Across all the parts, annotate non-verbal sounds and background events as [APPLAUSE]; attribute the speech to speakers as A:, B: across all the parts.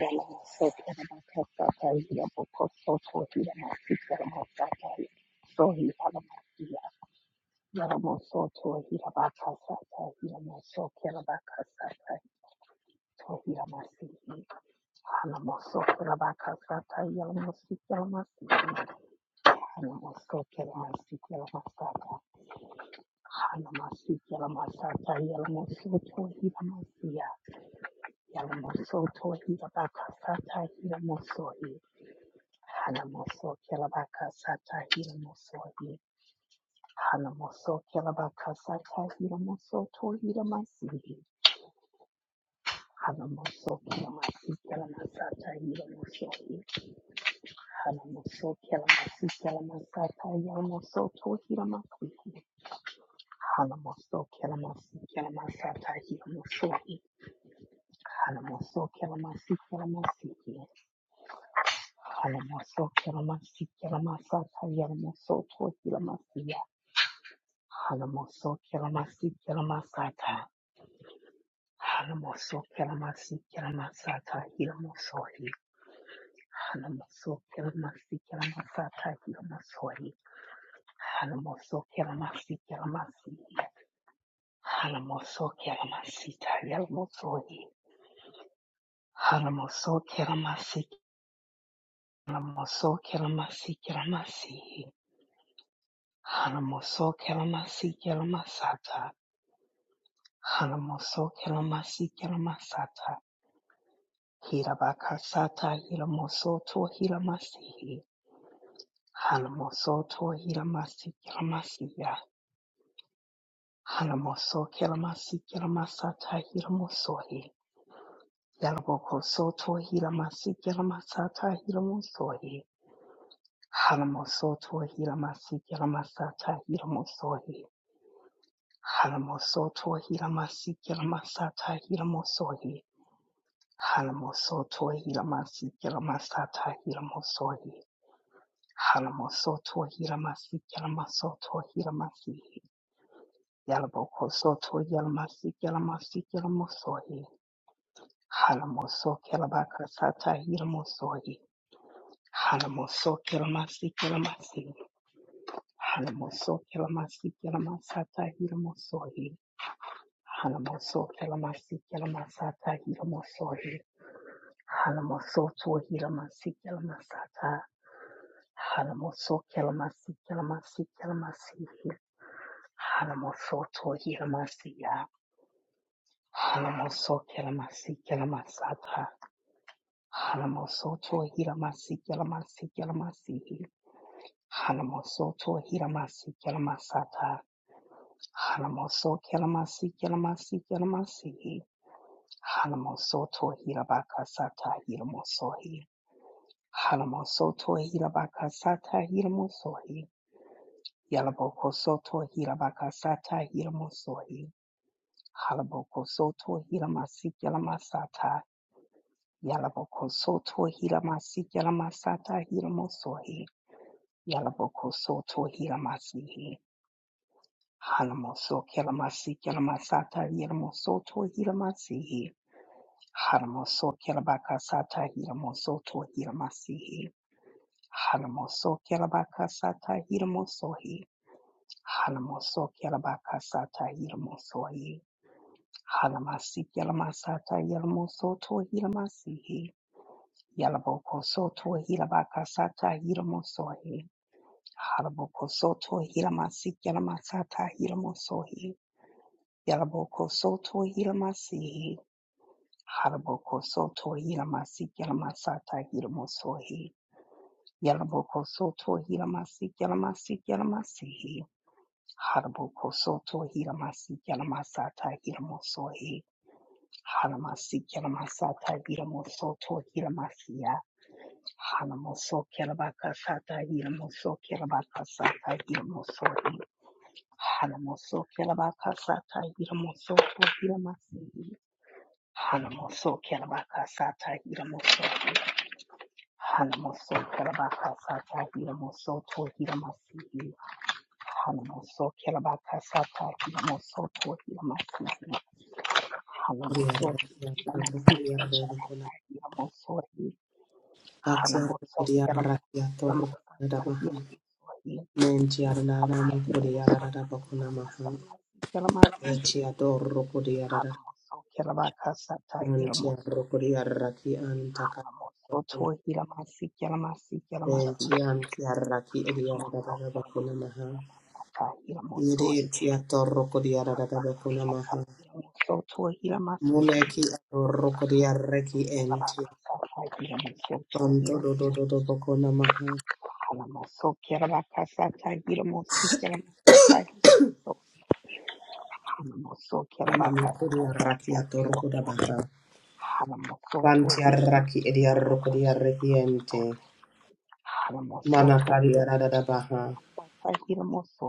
A: Yalamoso tohi rabakasata, yalamoso hi. Hanamoso Kilabaka Sata Hidamosohi. Hanamoso Kilabaka Sata Hidamoso Tohida Masihi. Hanamoso Kilamasi Kilamasata Hidamosohi. Hanamoso Kilamasi Kilamasata Yamoso Tohida Masihi. Hanamoso Kilamasi Kilamasata Hidamosohi. Hanamoso Kilamasi Kilamasihi. Hanamoso Kilamasi Kilamasata Yamoso Tohida Masihi. Hanamoso-kelamasikelamashata. Hanamoso-kelamasikelamashata. Hilamosori. Hanamoso-kelamasikelamashata. Hilamosori. Hanamoso-kelamasikelamasi. Hanamoso-kelamashita. Yalamosori. Hanamoso-kelamasi-kelamoso-kelamasikelamasi. Hanamoso-kelamasi-kelamasata. Hanamoso-kelamasi-kelamasata. Hirabakasata Hiramosoto Hiramasihi Halamosoto Hiramasi Kiramasiya Halamoso Kiramasi Kiramasata Hiramosohi Yalaboko Soto Hiramasi Kiramasata Hiramosohi Halamosoto Hiramasi Kiramasata Hiramosohi Halamosoto Hiramasi Kiramasata Hiramosohi Halamosoto Hiramasi Kiramasata Hiramosohi Halamosoto Hilamasi Yalamasoto Hilamasi Yalaboko Soto Yalamasi Yalamasi Yalamosohi Halamoso Kelabaka Sata Hilamosohi Halamoso Kelamasi Kelamasi Halamoso Kelamasi Kelamasata Hilamosohi Halamoso Kelamasi Kelamasata Hilamosohi Halamoso To Hilamasi Kelamasata Halamoso Kelamasi Kelamasi Kelamasi Halamosoto Hiramasiya. Halamoso Kelamasi Kelamasata. Halamosoto Hiramasi Kelamasi Kelamasi. Halamosoto Hiramasi Kelamasata. Halamoso Kelamasi Kelamasi Kelamasi. Halamosoto Hirabaka Sata Hiramosohi. Halamosoto Hirabaka Sata Hiramosohi. Yalaboko Soto Hirabaka Sata Hiramosohi. Halaboko soto hilamasik yalamasata. Yalaboko soto hilamasik yalamasata hilamosohi. Yalaboko soto hilamasihi. Halamoso kilamasik yalamasata hilamosoto hilamasihi. Halamoso kilabaka sata hilamosoto hilamasihi. Halamoso kilabaka sata hilamosohi. Halamoso kilabaka sata hilamosohi. Halamasi Yalamasata Yalamosoto Hilamasihi Yalaboko Soto Hilabakasata Hilamosohi Halaboko Soto Hilamasi Yalamasata Hilamosohi Yalaboko Soto Hilamasihi Halaboko Soto Hilamasi Yalamasata Hilamosohi Yalaboko Soto Hilamasi Yalamasi Yalamasihi Halaboko Soto Hilamasi Yalamasata Hilamosohi Hanamasi Kelamasata Hiramoso to Hiramasia. Hanamoso Kelabakasata Hiramoso Kelabakasata Hiramoso. Hanamoso Kelabakasata Hiramoso to Hiramasi. Hanamoso Kelabakasata Hiramoso. Hanamoso Kelabakasata Hiramoso to Hiramasi. Hanamoso Kelabakasata Hiramoso to Hiramasi. Hanamosoki, Yamasiki, Yamasata, Yamosohi, Hanamosoki, Yamasiki, Yamasata, Yamosohi, Hanamosoki, Yamasiki, Yamasiki, Yamasiki, Hanamosoki, Yamakasata, Yamosohi, Hanamosoki, Yamasiki, Yamasiki, Yamasiki, Hanamosoki, Yamasiki, Yamasata, Yamosohi, Hanamakasata, Yamosoki, Yamasiki,
B: Muneki adorokodiya reki
A: Hanamosoki,
B: enti.
A: Yamakasata,
B: Santo do
A: Yamosohi,
B: do do do bokona maha.
A: Alamoso Kerabakasata Giramosi Kerabakata Giramoso Hanamoso
B: Yana
A: Kerabakasata
B: mokodiya raki
A: Giramoso
B: adorokoda
A: Hanamoso
B: Banti
A: Tohi
B: arraki edi arroko
A: Kerabakasata Giramoso
B: ente.
A: Hanamoso
B: Mana kari
A: Tohi
B: arada baha.
A: Kerabakasata Giramoso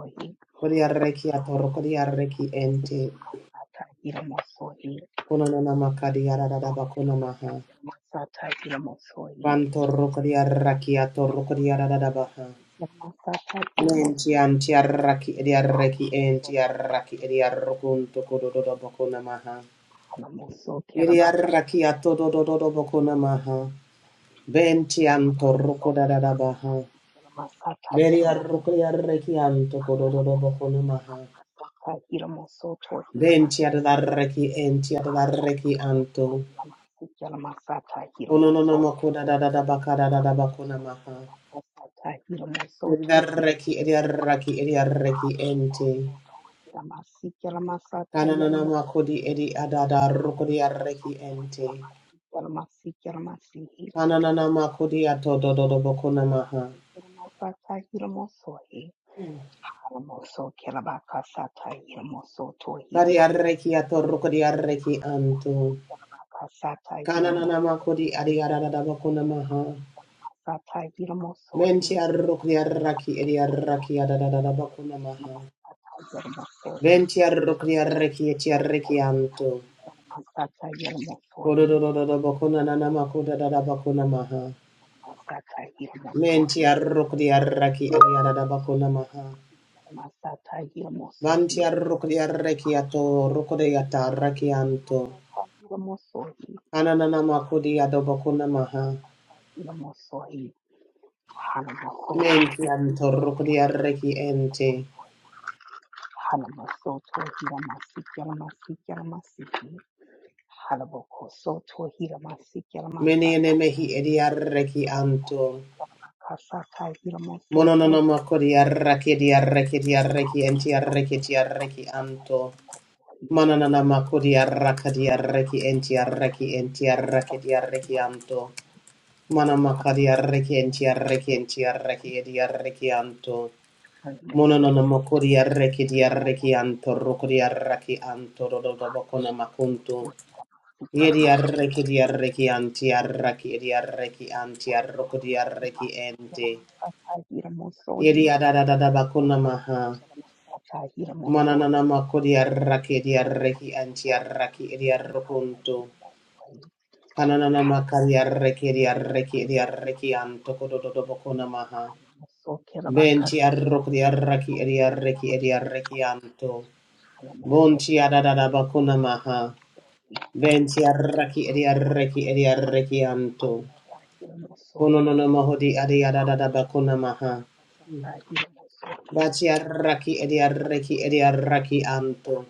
B: Kodi arreki atorroko di
A: Hanamoso
B: arreki
A: Keramasi
B: ente.
A: Kerabakata Giramoso
B: Kono nama kari arada
A: Hanamoso
B: bakuna
A: Keramasi
B: maha.
A: Kerabakata Giramoso
B: Banto roko di arraki atorroko di
A: Soto
B: arada baha.
A: Yamasita Masata Yomoso
B: Menti anti arraki edi arreki
A: Hanamoso
B: enti arraki
A: Kelabaka
B: edi
A: Santa
B: arrokunto
A: Hidamoso
B: kododo bakuna maha.
A: Hanamoso
B: Iri
A: Kelabaka
B: arraki
A: Santa
B: atododo
A: Hidamoso
B: bakuna maha.
A: Toyamasia
B: Benti
A: Hanamoso
B: antorroko da baha.
A: Toyamasi Kelamasata
B: Beri
A: Yamoso
B: arroko anto kododo
A: Hanamoso
B: bakuna maha.
A: Kelabaka Santa Hidamoso
B: Benti
A: Toyamasi
B: adaraki enti adaraki
A: Hanamoso
B: anto.
A: Toyamasi Kelamasata
B: ono no
A: Hidamoso
B: no makoda da da da bakada da da bakona
A: Hanamoso
B: maha.
A: Kelabaka Santa Hidamoso
B: Adaraki adaraki
A: Har
B: adaraki
A: mo
B: ente.
A: so tohi, la masi ki la masatahi, la
B: Kananana
A: mo so.
B: makodi edi adada
A: Har mo
B: rokodi
A: so
B: adaraki
A: ki la
B: ente.
A: masatahi, la mo so tohi, la masi ki la masatahi,
B: Kananana
A: la mo
B: makodi ato do
A: so
B: do do
A: tohi,
B: bakona
A: la
B: maha.
A: masi ki la masatahi, la mo so. Har mo so ki la bakasatahi, la mo so tohi, la
B: Bari
A: masi ki
B: adaraki ato rokodi adaraki anto.
A: la bakasatahi, la mo
B: Kananana
A: so
B: makodi adi adada da bakona
A: tohi,
B: maha.
A: la masi ki la bakasatahi, la mo so tohi, la masi ki la
B: Menti adaraki adaraki adaraki adada da bakona
A: bakasatahi,
B: maha.
A: la mo so.
B: Venti arrocri arrechi e ti arrechianto. Cododododo bocona nana macuda da bacona maha. Menti arrocri arrechi e riada da bacona maha. Vanti arrocri arrechiato, rocodeata arrechianto. Ananana macudi adobocona maha. Menti anto rocri arrechi ente.
A: Harabokosoto hiramasi kiramasata.
B: Menene mehi edi di arrechi
A: Haramoso
B: anto.
A: kirabakasata hiramosoto
B: Mononono macudi arrechi di arrechi di arrechi enti
A: hiramoso
B: arrechi ti arrechi
A: kirabakasata
B: anto.
A: hiramoso hir.
B: Mananana makodia rakadia reki
A: Haramoso
B: enti reki
A: kiramasi
B: entia rakedia
A: kiramasata
B: reki
A: hiramoso
B: anto.
A: hir.
B: Mana makadia
A: Haramoso
B: reki entia reki
A: kirabakasata
B: entia reki edia
A: hiramoso hir.
B: reki anto.
A: Haramoso
B: Mononona makodia reki
A: kirabakasata
B: dia reki
A: hiramoso
B: anto rokodia
A: kiramasi ya.
B: raki anto dododo bakona
A: Harabokosoto
B: makunto.
A: hiramasi
B: Yedia
A: kiramasata.
B: reki dia reki antia raki edia reki antia rokodia reki ente. Yedia da bakona maha. Mananana makodia raki edia reki antia raki edia rokunto. Kananana makari arreki di arreki di anto kododo bokona maha. Benti arrok di arreki di arreki di arreki anto. Bonti adadada bokona maha. Benti arreki di arreki di arreki anto. Kononono mahodi di adi adadada bokona maha. Bachi arraki edi arraki edi arraki anto.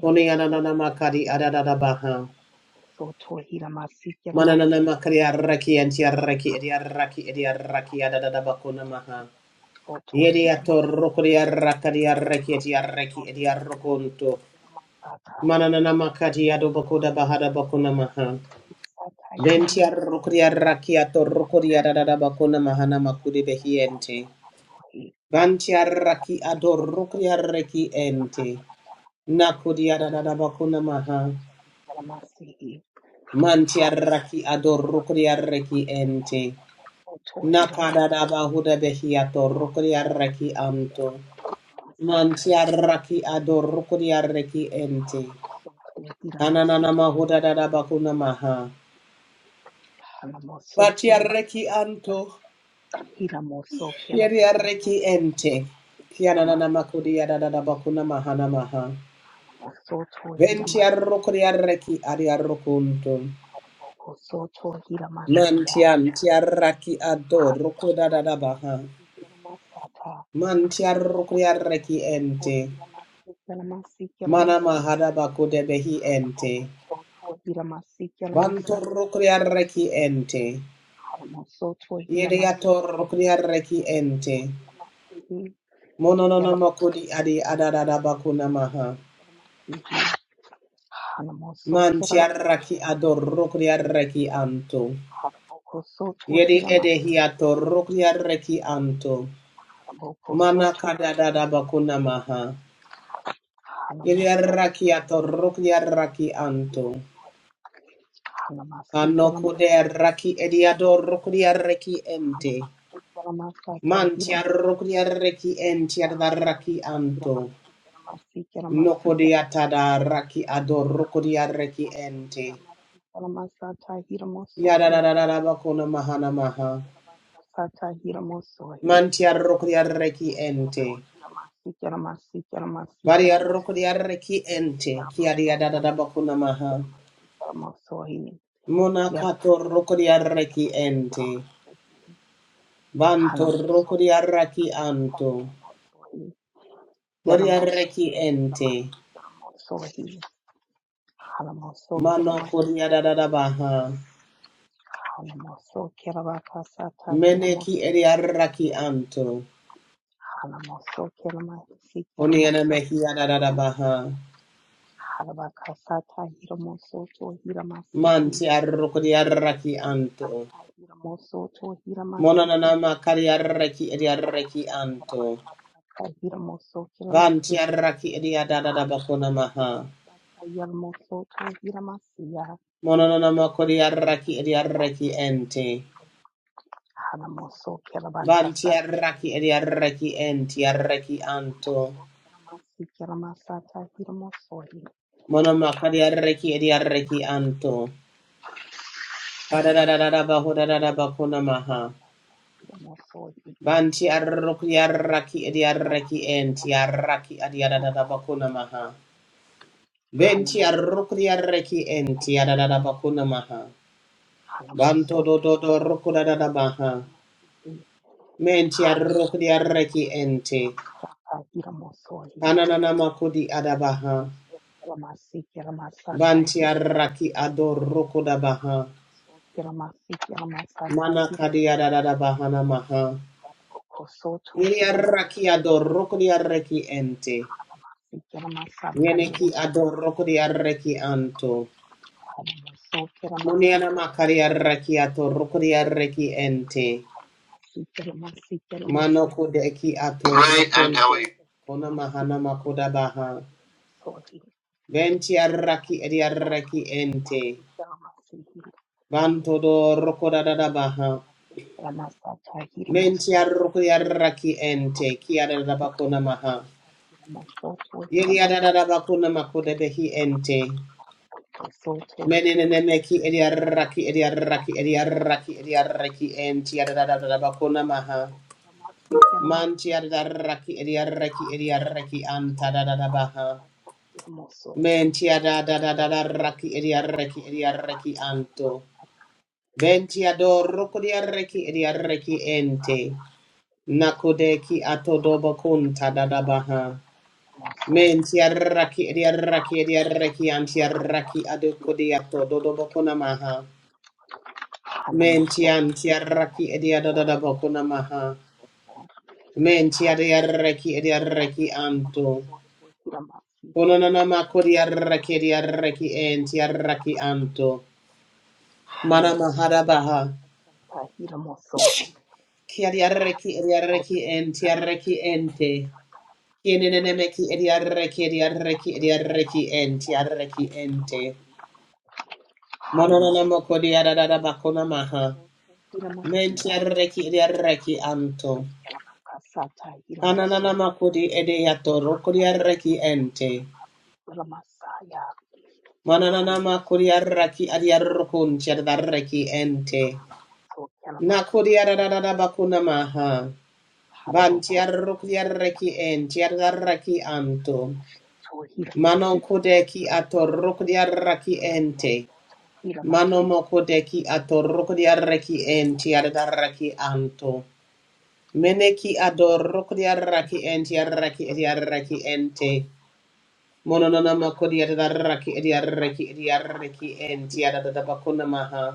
B: Koni ananana makari adadada baha. Mananana makari arraki anti arraki edi arraki edi arraki adadada bakona maha. Yediator rokodia rakadia rekiatia reki edia rokonto. Mananana makadia dobokoda bahada bakuna maha. Ventia
A: Hallelujah.
B: rokodia rakiato rokodia
A: Halamoso,
B: dada bakuna
A: Hilamasi,
B: mahana makudi
A: Hilamasa,
B: behiente.
A: Hilamoso,
B: Vantia raki ador
A: Halamoso,
B: rokodia reki
A: Hilamasi,
B: ente.
A: Hilamasa,
B: Nakodia dada bakuna
A: Halamoso,
B: maha.
A: Hilamasi, Hilamasi, Halamoso, Hilamasi, Hilamasa, Hilamoso, Hilamasi,
B: Mantia
A: Halamoso,
B: raki ador rokodia reki ente. Nakada daba huda behiato rokodia reki anto. Mantia raki ador rokodia reki ente. Ananana mahoda dada bakuna maha.
A: Hilamasa, Halamoso, Hilamasi, Halamoso,
B: Batiareki
A: Hilamasa,
B: anto,
A: Hila moso kela basasa
B: yeriareki
A: hila
B: ente.
A: masi kela
B: Kianana
A: masa
B: makudi
A: hila
B: yada dada
A: moso
B: bakuna mahana maha.
A: hila moso to hila masi kela
B: Ventiarokuri
A: masa
B: areki ariarokunto.
A: hila boko so to hila masi ya
B: Mantian tiaraki ado
A: hila
B: rokoda
A: moso
B: dada
A: kela
B: baha.
A: masi kela masa ta
B: Mantiarokuri
A: hila boko
B: areki
A: so to
B: ente.
A: hila masi kela masi kela
B: Mana
A: masi
B: mahada bakude behi
A: hila boko
B: ente.
A: so to hila masi kela masa ta
B: Bantorokuri
A: hila moso
B: areki ente.
A: hila moso to hila masi kela
B: Yediatorokuri
A: masi kela maso to
B: ente.
A: hila masi Yalaboko
B: Monononokodi adi
A: soto
B: adadada
A: hilamasi
B: bakuna maha.
A: hilamasi hilamasi hanamoso
B: Mantiaraki
A: kirabakasata hilamoso
B: adorokriareki anto.
A: halaboko soto
B: Yedi
A: hilamasi
B: edehiato
A: hilamasi hilamasi
B: rokriareki anto.
A: halaboko
B: Mana
A: soto
B: kadadada
A: hilamasi
B: bakuna
A: hilamasi
B: maha. Yedi
A: hanamoso
B: araki ato
A: hilamasi
B: rokriareki
A: hilamasata
B: anto.
A: hilamoso hanamasi
B: Anokode
A: hilamasata
B: raki ediado
A: hilamoso
B: rokriareki ente.
A: hanamasi hilamasata hilamoso
B: Mantiarokriareki entiadaraki
A: Ramosoto
B: anto.
A: Hiramasi Hiramasi Hiramasi
B: Nokodiatada
A: Hiramosohi
B: raki adorokriareki
A: Haramokosoto
B: ente.
A: Hiramasi Hiramasata Hiramosohi
B: Yadadadadabakuna mahana maha.
A: Haramosoto Hiramasata Hiramosohi
B: Mantiarrokriarreki
A: Hiramosoto
B: ente.
A: Hiramasi Hiramasi Hiramasi Hiramosohi
B: Variarrokriarreki ente.
A: Ramosoto
B: Kiadiadadadabakuna
A: Hiramasi
B: maha.
A: Hiramasi Hiramosohi
B: Monakato
A: Hiramokosoto
B: rokriarreki
A: Hiramasi
B: ente.
A: Hiramasi Hiramosohi
B: Banto rokriarraki
A: Hiramasata
B: anto.
A: Hiramosohi Yalamoso
B: Variarreki ente.
A: Yalamasi Yalamoso Halamoso
B: Mano
A: Kiramasi
B: kuriadadadabaha.
A: Halamoso Kirabakasata Yalamoso
B: Meneki eriarraki anto.
A: Halamoso Kiramasi
B: Uniana
A: Yalamoso
B: mehiadadabaha.
A: Halabakasata Yalamoso Hiramasi
B: Mantiarrokriarraki anto.
A: Hilamasata Yalamoso Hiramasi
B: Monanama kariaraki ediaraki
A: Halamoso
B: anto.
A: Kirabakasata Yalamoso Kiramasi
B: Vantiaraki ediadada bakuna maha.
A: Yalamasata Yalamoso Hiramasi
B: Monanama koriaraki ediaraki ente. Vantiaraki ediaraki entiaraki anto. Monama kariaraki ediaraki anto. Padadada bahudada bakuna maha. Vantiaraki ediaraki entiaraki adiadada bakuna maha. Ventiaraki ediaraki entiadada bakuna maha. Banto do do do roko da da da baha. Menti arroko di arreki ente. Hananana mako adabaha. Banti arraki ador roko da baha. Mana kadi adadada baha na maha. Yeri arraki ador roko di arreki ente. Yeneki ador roko di arreki anto. Muniana makari arraki ator roko di arreki ente. Mano kodeki ato. Right, and Ellie. Kona mahana makoda baha. Ventiarraki
A: Hallelujah.
B: ediarraki ente. Bantodo rokodadadabaha. Mentiarrokodiarraki ente. Kiadadabakuna maha. Yediadadabakuna makodebehi ente.
A: Hallelujah.
B: Menenemeki ediarraki ediarraki ediarraki da da Yadadadabakuna maha. Mantiadarraki ediarraki ediarraki antadadabaha. Mentiadadadadarraki
A: Hanamosoka
B: ediarraki
A: wikila
B: ediarraki
A: masika na
B: anto.
A: masaka.
B: Benti adoro
A: Hanamosoka
B: kodiareki
A: na masika
B: ediareki
A: na
B: ente.
A: masaka.
B: Nakodeki
A: Hanamosoka na
B: atodobo
A: masika
B: kunta
A: na
B: dadabaha.
A: masaka. Hanamosoki.
B: Menti arraki ediareki ediareki
A: Hanamosoka na masaka.
B: antiareki adokodiato
A: Hanamosoka
B: dodobo
A: wikila
B: konamaha.
A: masika.
B: Menti
A: Hanamosoka wikila
B: antiareki
A: masika na
B: ediadadadabo
A: masaka. Hanamosoka.
B: konamaha.
A: Hanamasika
B: Menti
A: na masaka.
B: adiareki ediareki anto.
A: Hanamosoka wikila masika. Hanamosoka na masika na
B: Kononanama kodiareki ediareki entiareki
A: masaka.
B: anto.
A: Hanamoso
B: Manamaharabaha.
A: Sata Hiramosohi
B: Kiadiareki ediareki
A: Hanamosoto Hiramasi
B: entiareki ente.
A: Hiramasata
B: Kienenemeki ediarreki
A: Hanamoso
B: ediarreki
A: Hiravakasata
B: ediarreki enti arreki
A: Hiramosoto
B: ente.
A: Hiramasi Hanamasi
B: Mononanamoko
A: Hiramasata
B: diararabakona maha.
A: Hiramosoto
B: Menti
A: Hiramasiya
B: arreki ediarreki anto.
A: Hanamoso Hiravakasata Hiramoso
B: Kanananamako di ediato roko diarreki
A: Hanamosoto
B: ente.
A: Hiramasi Hiramasaya Hanamoso
B: Manananamako
A: Hiramasi Hiramasi
B: diarreki
A: Hanamoso
B: adiarrokunti adarreki ente. Nako
A: Hiramasi Hiramasata
B: diararabakona maha. Banti
A: Haraboko
B: arroko
A: soto
B: diarreki enti
A: hiramasiki.
B: adarreki anto.
A: Soto
B: Manoko
A: hiramasiki.
B: deki ato roko diarreki ente.
A: Soto
B: Mano
A: hiramasiki.
B: moko deki
A: Masiki.
B: atoroko diarreki enti
A: Hanamotsu
B: adarraki
A: kiramasiki.
B: anto. Meneki adoroko
A: Hanamotsu
B: diarraki
A: kiramasiki.
B: enti adarraki
A: Kiramasata
B: ediarreki ente.
A: hiramosohi.
B: Mononona moko
A: Hanamotsu to
B: diarraki ediarreki
A: hiramasiki.
B: ediarreki
A: Kiramasata
B: enti
A: hiramosohi.
B: adadabakuna maha.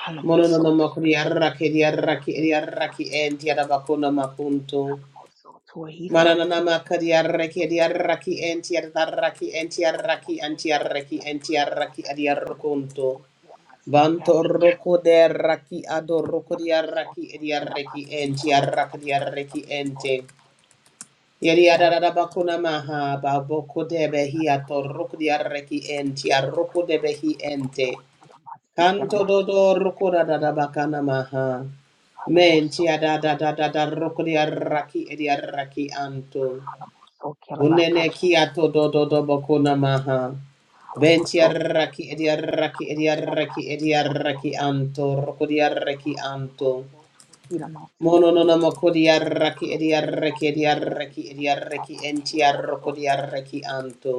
A: Hanamoso
B: Mononona
A: to
B: moko diarraki
A: hiramasiki.
B: ediarraki
A: Kiramasiki.
B: ediarreki enti
A: Kiramasiki.
B: adabakuna makunto.
A: Hanamoso to hiramasiki.
B: Mananana maka
A: Kiramasiki.
B: diarreki
A: Kiramosohi.
B: ediarreki enti adarraki enti arraki
A: Yalamoso toy
B: antiarreki enti
A: Yalamosa
B: arraki
A: Sata Yalamoso
B: ediarrokunto.
A: toy
B: Vanto roko de raki ado
A: Yalamasi
B: roko di
A: Yalamasi Yalamoso
B: araki
A: toy
B: di araki enti araki di araki ente. Yeri
A: Yalamasi Yalamasata Yalamoso
B: adada
A: Yalamoko so
B: bakuna
A: toy
B: maha
A: Yalamasi
B: baboko de behi
A: Yalamasata
B: ato roko di araki enti aroko de behi ente. Kanto dodo roko da da
A: Yalamoso
B: bakana maha.
A: Halamoso
B: Menti
A: toy
B: adada da da
A: Yalamasi Yalamasata Yalamoso Halamoso Yalamasi
B: da roko di
A: Yalamasi
B: araki edi
A: Yalamasi
B: araki anto.
A: Halamoso
B: Unene kia
A: Kilabakasata
B: to do do do
A: Yalamoso
B: bokuna maha. Ventiaraki ediaraki ediaraki ediaraki anto rokodiaraki anto. Mono no no mokodiaraki ediaraki ediaraki ediaraki entiarokodiaraki anto.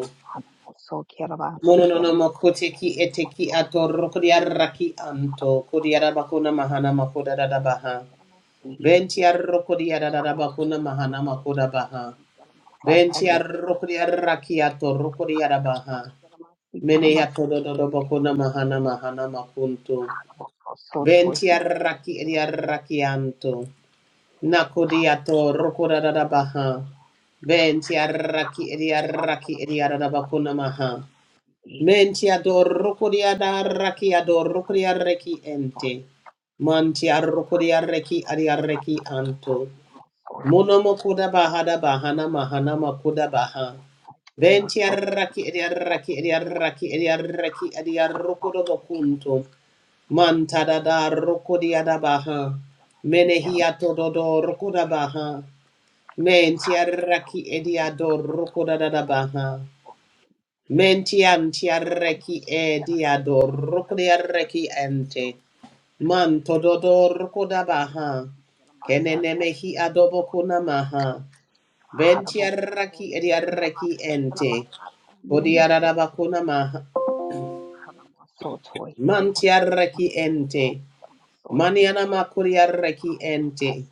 B: Mono no no mokoteki eteki ato rokodiaraki anto. Kodiara bakuna mahana makoda da da baha. Ventiarokodiara da da bakuna mahana makoda baha. Benti arrokri arraki atorrokri arabaha. Mene atododoboko namahana mahana mahana makunto.
A: Soto
B: Benti
A: Hiramasi
B: arraki eri
A: Hiramasi Hiramasi
B: arrakianto. Nakodi
A: Hanamo Soto
B: atorrokora
A: Hiramasi
B: arabaha. Benti arraki eri
A: Hanamo Soto
B: arraki eri
A: Hiramasi
B: arabako namaha.
A: Hiramasi Hiramasi
B: Menti adorrokri adarraki adorrokri arreki ente. Manti arrokri
A: Hanamo
B: arreki
A: Soto
B: ari arreki
A: Hiramaka Sata
B: anto.
A: Hiramo Sohi
B: Monomokoda bahada bahana
A: Hanamo
B: mahana
A: Soto
B: makuda
A: Hiramaka
B: baha.
A: Sata Hiramo
B: Venti
A: Sohi Hanamo Soto Hiramaka Sata Hiramo Soto
B: arraki edi
A: Hiramasi
B: arraki edi arraki edi arraki edi
A: Hanamo
B: arroko dobo
A: Soto
B: kunto.
A: Hiramasi
B: mantada da da roko
A: Haramosotira
B: di adabaha. Mene hiato dodo roko da baha. Menti arraki edi ador roko da da baha. Menti anti arraki edi ador
A: masigila
B: roko di
A: masata
B: arraki ente.
A: ilimosoy.
B: Manto dodo roko da
A: Haramosotira
B: baha.
A: masigila masata ilimosoy. Haramosotira masigila
B: Kenene
A: masata
B: mehi adobo
A: ilimosoy.
B: kunamaha. Venti arraki edi
A: Haramosotira masigila masata ilimosoy. Haramosotira
B: arraki
A: masigila
B: ente.
A: masata ilimosoy.
B: Kodiarabakuna maha.
A: Haramosotira masigila masata ilimosoy. Haramosotira masigila masata
B: Mantiarraki ente. Maniana makuriarraki ente.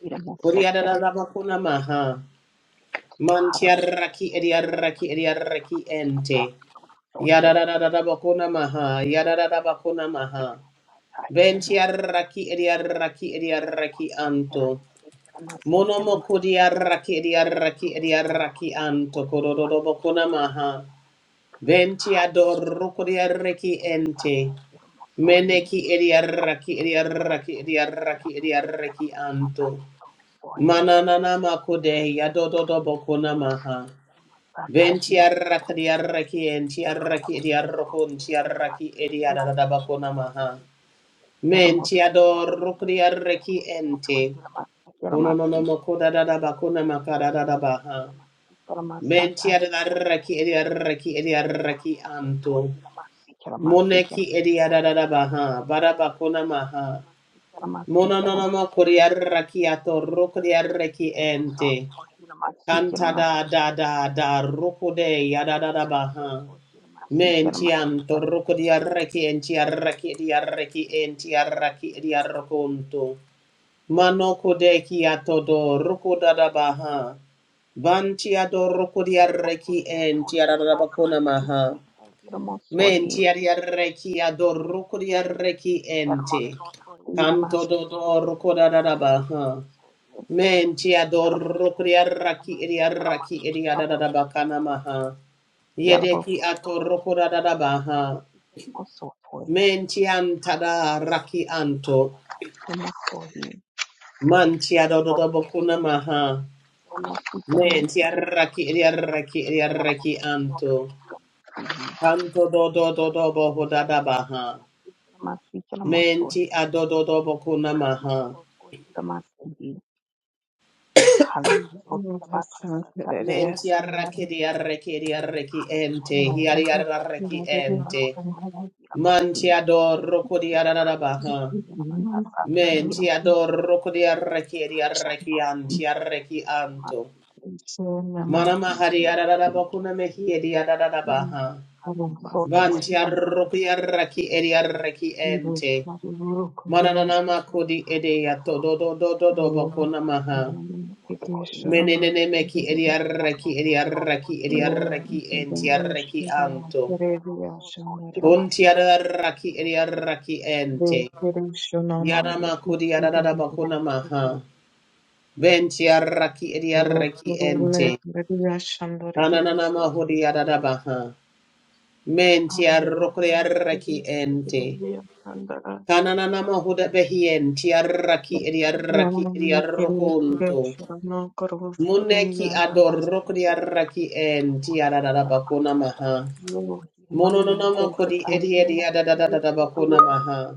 A: ilimosoy. Haramosotira masigila
B: Kodiarabakuna
A: masata
B: maha.
A: ilimosoy.
B: Mantiarraki ediarraki ediarraki ente. Yadadadabakuna maha. Yadadadabakuna maha. Ventiarraki ediarraki ediarraki anto. Monomo kodiarraki ediarraki ediarraki anto. Korodobakuna maha. Ventiador kodiarraki ente. Meneki idiaraki idiaraki idiaraki idiaraki anto. Mananana makude yadododo bokuna maha. Ventiaraka diaraki entiaraki idiarokun tiaraki idiarada bakuna maha. Mentiadoruk diaraki ente. Unonono makuda dada bakuna makada da baha. Mentiadaraki idiaraki idiaraki anto. Moneki idiarada baha. Barabakuna maha. Mononoma koriaraki atoroko diaraki ente. Canta da da da da rukude de yada da da baha. Mentiam toroko diaraki entiaraki diaraki entiaraki diarroconto. Manoko de kiatodo roko da da baha. Vantiado roko diaraki
A: Yaramokoso Hiramasi
B: entiarabacona maha.
A: Yaramasata Yaramosohi
B: Mentiaraki adoroko diaraki ente.
A: Yaramosoto
B: Canto
A: Hiramasi
B: dodor
A: Yaramasi Yaramasi
B: kodadadaba, ha.
A: Yaramosohi
B: Menti ador
A: Yaramosoto
B: kuriaraki
A: Hiramasi
B: iriaraki
A: Yaramasi
B: iriadadadaba
A: Yaramosohi
B: kanamaha. Yedeki
A: Yaramokoso
B: ator
A: Hiramasi
B: kodadadaba, ha.
A: Yaramasi Yaramosoto
B: Menti antada
A: Hanamoso
B: raki anto.
A: Yaramasata Yaramosohi
B: Manti adododabo kunamaha. Menti araki iriaraki iriaraki anto. Canto dodododobo hodadaba, ha. Menti adododobo kunamaha.
C: Thank
B: Menti arrakidi arrekidi arreki ente, hiari arreki ente. Manti ador rokodi ararabaha. Menti ador rokodi arrekidi arreki anti arreki anto.
A: Hanamosotohiramasiyamasiye.
B: Mana mahari ararabakuna mehi
A: Hanamosotohiramasie.
B: edi ararabaha. Vanti arroki
A: Hanamosotohiramasie.
B: arreki edi arreki ente. Mananana makodi edi ato do do do do do bakuna maha.
A: Hanamosotohiramasiyanamasata. Hiramosoye.
B: Menenemeki ediarraki ediarraki ediarraki
A: Yanamokosotohiramasie.
B: entiarraki anto. Kuntiarraki
A: Yanamosotohiramasiyanamasiyamasiye.
B: ediarraki ente. Yarama kudiarada bakuna
C: you.
B: maha. Ventiarraki ediarraki ente. Kananana mahudiarada baha. Mentiarrokriarraki ente. Kananana mahuda behien tiarraki ediarraki ediarrokunto. Muneki adorrokriarraki entiarada bakuna maha. Mononoma kodi edi
A: Yanamosotohiramasikiramasikiramasikiramasahi.
B: edi ada da da da da bakuna maha.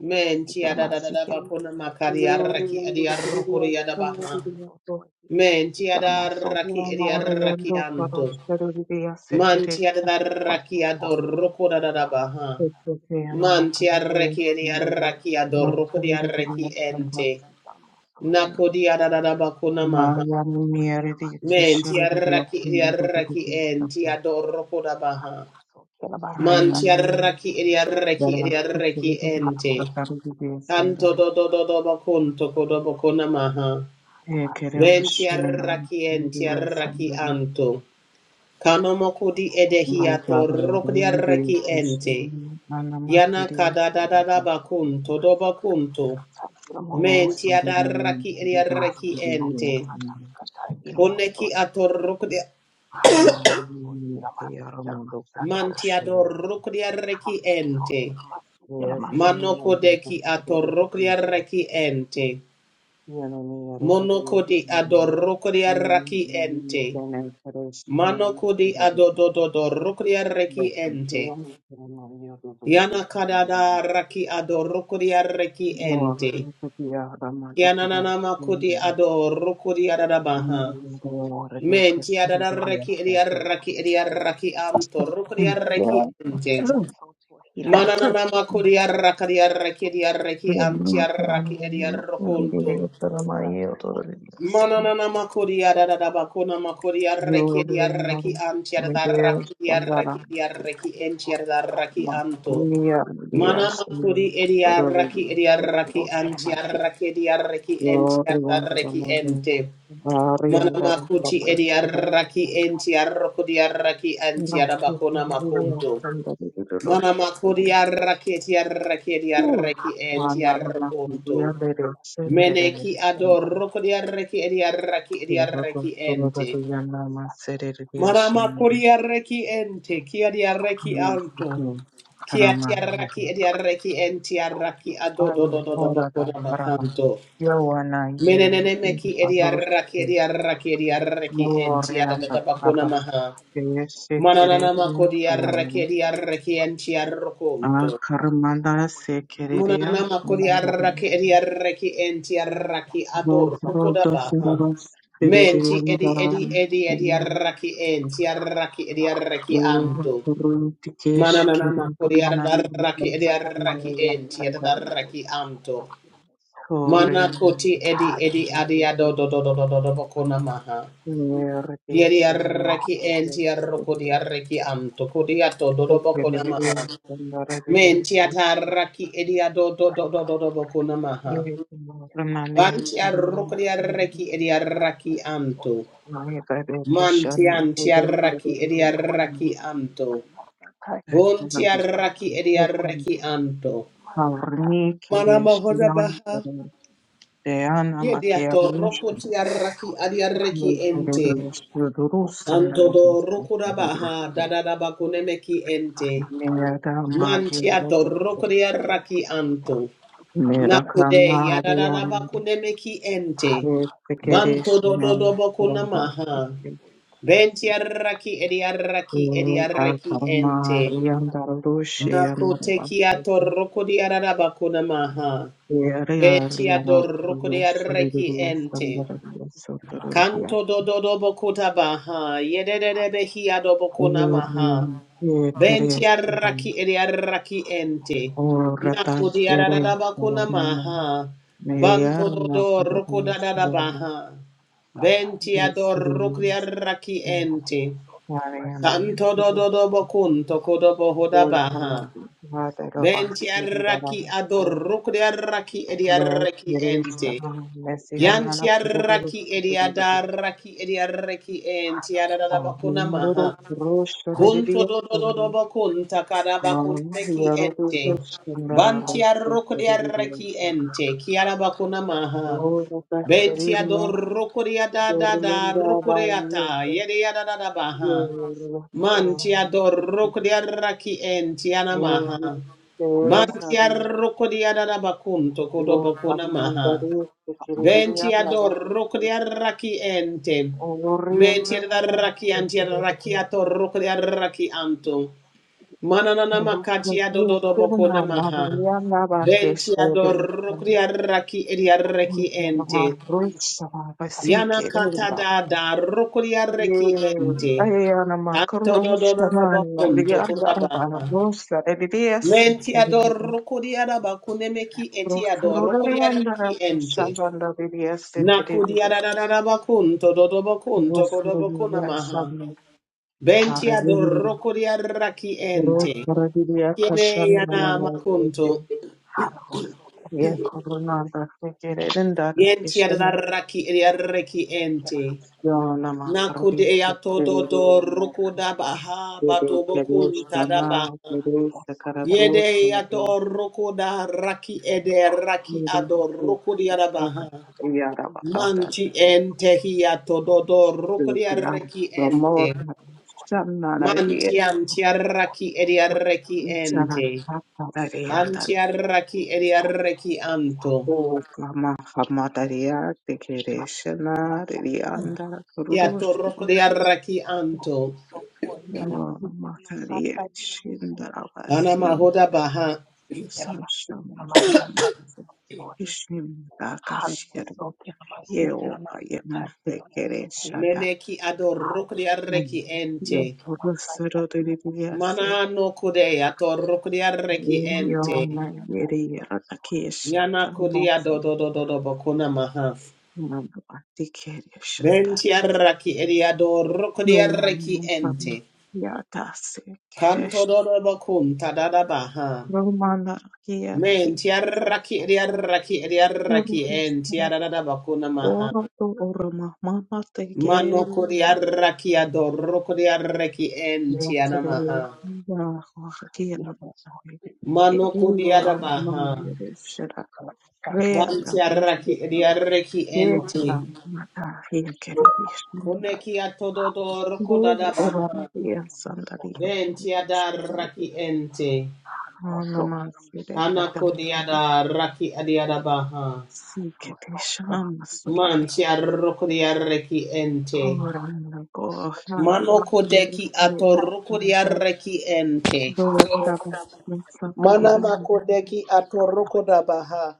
B: Men ti ada da da da bakuna makari arraki edi arrukuri ada baha. Men
A: Yalamosotohiramasi,
B: ti ada arraki edi
A: Yalamosotohiramasi,
B: arraki anto.
A: Yalamasata,
B: Man ti ada da arraki ado rukura
A: Yalamokosotohiramasi,
B: da da baha.
A: Yalamasata,
B: Man ti arraki edi
A: Yalamosohi,
B: arraki ado rukuri arraki
A: Yalamosotohiramasi,
B: ente.
A: Yalamasi, Yalamosohi,
B: Nakodi ada da da bakuna maha.
C: Mariamne di
A: Yalamokosotohiramasi,
B: Men ti
C: Kishore di
A: Yalamasata,
B: arraki edi
C: Akimoro di
B: arraki
A: Yalamosohi,
B: enti
C: Kishore.
B: ado rukura baha.
A: Halamosokelabakasata,
C: Raymond
B: Mantiaraki
A: Yalamosohi,
B: idiaraki
C: Verasco
B: idiaraki
C: Kiri di
B: ente.
C: Sakari di
A: Halamosokelamasi,
B: Tanto
C: Sandare.
B: do do do do
A: Yalamasata,
B: bocunto codo
A: Yalamosohi,
B: bocona maha.
A: Hala
C: E Kere
A: masih, hala masat, hala
C: Vashinam
B: Ventiaraki
C: Kiri di
A: biramso, hoi
B: entiaraki
C: Sandare.
A: biramso,
B: anto.
A: hala
B: Kanomokudi
A: bokor, hoi
B: edehiato
A: biramso,
C: Murugava
A: hala masat,
C: Raymond
A: hoi
B: rokdiaraki
C: di
A: biramso,
B: ente.
C: Kishore. Anama
B: Yana
C: Kiri.
A: hala
B: kada da
A: bokor,
B: da da
A: hoi
B: bacunto do
A: biramso, hala
B: bacunto.
A: masat, hoi biramso, hala
C: O
A: bokor, hoi biramso,
C: Sandinam
B: Mentiadaraki
C: Kiri
A: hala
B: idiaraki
A: masat,
B: ente.
C: di Sandare.
A: hoi biramso, hala
B: Poneki
A: masoh,
B: ato rokdia.
A: hala
C: E
A: masat, hoi biramso, hala masoh, hoi biramso,
C: Oni
A: hala masih,
C: Kayaramo
A: hala masat,
C: Dokoro
A: hala
B: Mantiador
C: Roshira.
A: masih,
B: rokdiaraki
A: hala masih, hala masoh, hoi biramso,
B: ente.
C: E Kuru
B: Manoko
C: Nandam
B: deki ato
C: Kiri di Sandare.
B: rokdiaraki ente.
C: Yo,
B: Monokodi adorokodi araki ente. Manokodi adodododo rokodi araki ente. Yana kadada raki adorokodi araki ente. Yananana makodi adorokodi adadabaha. Menti
A: hala
B: adadaraki
A: masat,
B: edi
A: hoi
B: araki edi
A: biramso, hoi.
B: araki amto rokodi araki ente.
A: Yalamosoto, Hilamasi,
B: Mananana makodi
A: Kalamasata,
B: araki edi araki
A: Hilamoso,
B: edi araki amti araki edi
A: Kalamoso, Kalamasi,
B: arokonto.
A: Kalamasata, Hilamoso,
B: Manana makoria da da da bakona
A: Kalamoso,
B: makoria
A: Kalamasi, Kalamasata, Hilamoso, Kalamoso, Kalamasi,
B: reki ya
A: Kalamasata,
B: reki antiar da
A: Hilamoso,
B: raki ya reki ya reki antiar
A: Kalamasi,
B: da raki
A: Kalamasata,
B: anto.
C: Maria
A: Hilamoso,
C: Maria
B: Mana
C: Stella
B: makuri eria raki eria
A: Kalamoso, Hilamasi, Kalamasata,
B: raki antiar
A: Hilamoso,
B: raki eria reki
C: Glory
B: antiar da
C: under the
B: reki
C: mother
B: ente.
C: Maria
B: Mana
A: Kalamoso,
C: under
A: Kalamasi,
B: makuti eria raki
A: Kalamasata,
B: antiar rokodia raki antiar da bakona makonto. Mana makoria raki
A: Hilamoso,
B: eria reki eria reki antiar rokonto. Meneki adoro kodiareki ediareki ediareki ente. Marama kodiareki ente, kiadiareki alto. Kiatiareki ediareki entiareki adododododo
C: the
B: bokoda
C: father
B: bakanto.
C: Yowana Yeri
B: Menenene meki ediareki
C: Prabhu,
B: ediareki ediareki enti
C: Glorianda
B: adadada bakona
C: Rabas
B: maha.
C: Sekeretia
B: Mananana makodiareki
C: Solim
B: ediareki
C: A
B: entiarokonto.
C: Karamanda
B: Munana
C: Sekeretia
B: makori
C: Shandarim
B: arraki edi
A: Hallelujah.
B: arraki enti arraki
A: Yalaboko
B: ador
C: Bokro
A: Soto,
B: rokodabaha.
A: Yamasi,
C: Dosaras
A: Yamasi,
B: Menti
C: Peririan
B: edi edi
C: Daravim
A: Yamasata,
B: edi
A: Yamasho,
B: edi arraki enti
A: Yalaboko
B: arraki edi arraki
A: Soto,
B: anto.
A: Yamasi, Yamasata,
C: Rutikesh
B: Mananana
C: Kiri
A: Yamoko,
B: makori
C: Mana
B: arraki edi arraki
A: Yalaboko
C: Prabhastamaya
B: enti
A: Soto,
B: edi
C: Sandari
B: arraki anto.
A: Yamasata, Yamoso, Yamoso, Yalamasi, Yamasata, Yamoso,
B: Mana
C: Korean
B: koti edi edi
A: Yamoso, Yalamasi, Yamasata, Yamoso,
B: adi ado do do do
A: Yamoso,
B: do do do bokona maha. Yeri
C: Nerdius and
B: arraki enti arrokodi arraki anto kodi ato do do bokona
C: Sekeretia
B: maha. Menti
C: Shandarim
A: Yalamasi,
B: atarraki edi ado do
A: Yamasata, Yamoso,
B: do do do do bokona maha.
C: Yes, Lord.
A: Yalaboko
C: Ramande
B: Banti
A: Soto,
C: Sundari,
B: arrukri
A: Yamasi,
B: arraki edi arraki
A: Yamasata,
B: anto.
C: Ramande
A: Yamoso,
C: Bade
A: Yalamasi,
C: Kishan,
B: Manti anti
C: Bade
B: arraki edi
A: Halamosoto,
C: Sundari,
B: arraki
C: Sundari,
A: Hilamasi,
B: anto.
A: Halamasata,
B: Bunti
C: Sundari,
B: arraki edi
A: Hilamosoto,
B: arraki
A: Hilamasi,
B: anto.
A: Halamasata,
C: Arni
B: Mana
C: Keresh,
B: mahoda
C: Nan
B: baha.
C: Keresh, Deana
B: Yedi ato
C: Makiarosh,
B: roku ti arraki
A: Halamosoto,
B: adi arraki
A: Hilamasi,
B: ente.
C: Keresh,
A: Halamasata,
C: Yuduru
B: Anto
A: Hilamosohi,
C: Sundari,
B: do roku
C: Sundari,
B: baha dadada bakunemeki
A: Halamosoto, Hilamasi,
B: ente.
A: Halamasata,
C: Mera
A: Hilamosohi,
B: Manti ato
C: Magiarosh,
B: roku di arraki
A: Halamosoto,
B: anto.
A: Hilamasi, Halamasata, Hilamosoto, Hilamasi,
C: Mera
A: Halamosoto,
B: Nakude yadada bakunemeki
C: Kamariyam,
B: ente.
C: Bade
A: Hilamasi,
C: Keresh,
B: Banto do do do
C: Nan
B: bakuna
A: Halamasata,
C: Sundari,
B: Benti arraki edi arraki edi
C: Oriana,
B: arraki
A: Hilamosohi,
B: ente. Nakote kia toroko di
A: Halamosoto,
B: araraba kuna maha.
A: Hilamasi.
B: Beti adoroko di arraki ente. Kanto dododo bokuta baha. Yedede behi adobo kuna maha. Benti arraki edi arraki ente. Nakodi araraba kuna maha. Banto dodo roko dadada baha. Benti adoroko di arraki ente. Tanto do do dodo dobo kunto kodobo hodabaha. Venti arraki ador rukri arraki edi arraki ente.
C: Mercedes-Benz
B: Yanti
C: Messihanana
B: arraki
C: Purus
B: edi adarraki edi arraki enti adadaba
C: Andoro
B: kunamaha. Bunto
C: Roshodidia
B: do do do dodo bakunta kadaba
C: Mama
B: kunameki
C: Yarodi
B: ente.
C: Sundara
B: Vanti
C: by
B: arrukri
C: Sundara
B: arraki ente kiara kiaraba kunamaha.
C: Ora
B: Benti ador
C: Caterina
B: rukri adadada
C: Serenda by
B: rukri ata
C: Yeso
B: yedi adadaba ha.
C: Yuri
B: Man tia doroko dia raki enti tia na Man tia
C: Kesana
B: roko dia da da kodo
C: Yo
B: bakuna maha.
C: Samadari
B: Ben
C: Sekiridia
B: tia
C: Lava
B: doroko dia raki ente. Men
C: Oriana
B: da raki an tia raki ato roko dia raki anto.
A: Hallelujah.
B: Mananana makatia do do do bakuna maha. Ben tia doroko dia raki edia raki ente. Yana kata da da roko dia raki ente. Tanto do do do do bakunto koda baha. Menti adoro kodiara bakune meki eti adoro kodiara ki ente. Nakudiara da da da bakunto do do bakunto koda bakuna maha. Benti adoro kodiara ki ente. Tiene yana makunto. Yenti adara ki eriara ki ente.
C: Yonama
B: Nakude
C: Karabin
B: ya todo do
C: Kereshana
B: rukuda baha bato bakunta da baha.
C: Mirisa Karatus
B: Yede ador roko da raki ede raki ador roko di arabaha.
C: Yaraba Ada
B: Manti ente hia tododo roko di
C: Yonama
B: arreki ente.
C: Ramota Shanana
B: Manti anti arraki edi arreki
C: Ichara
B: ente.
C: Padariyanda
B: Anti arraki edi arreki anto.
C: O Kama Hamadariya Kereshana Riyanda
B: Hia
C: Kurus
B: torroko di arraki anto.
C: Yonama Karabin
B: Ana
C: Shindarabasi
B: mahoda baha.
C: Sasham Karama Ishimdakashira yeoba yemutekereshada
B: Meneki ador roko di arreki ente.
C: yokurusoro ririase
B: Mana no kude ator roko di arreki ente.
C: yoma yeriyeratakesha
B: Yana kodia
C: kanoso
B: do do do do do bokuna maha.
C: imandabatikereshantar
B: Ventiarraki ediado rocodiarreki
C: yomukamu
B: ente.
C: yatase keresh
B: Canto do do bocum tadada baha.
C: romanakiyarari
B: Mentiarraki ediarraki ediarraki da adada bocuna maha.
C: Ororo ororo oroma mama tekerere
B: Mano codiarraki ado rocodiarreki ente
C: yasere
B: anamaha.
C: yaho hakiyana
B: Mano codiada baha. Vantiarraki ediarreki ente. Coneki atodo rocodada baha. Ventiada raki ente. Anakodiada raki adiada baha. Mantia rokodia reki ente. Manokodeki atorokodia reki ente. Manamakodeki atorokoda baha.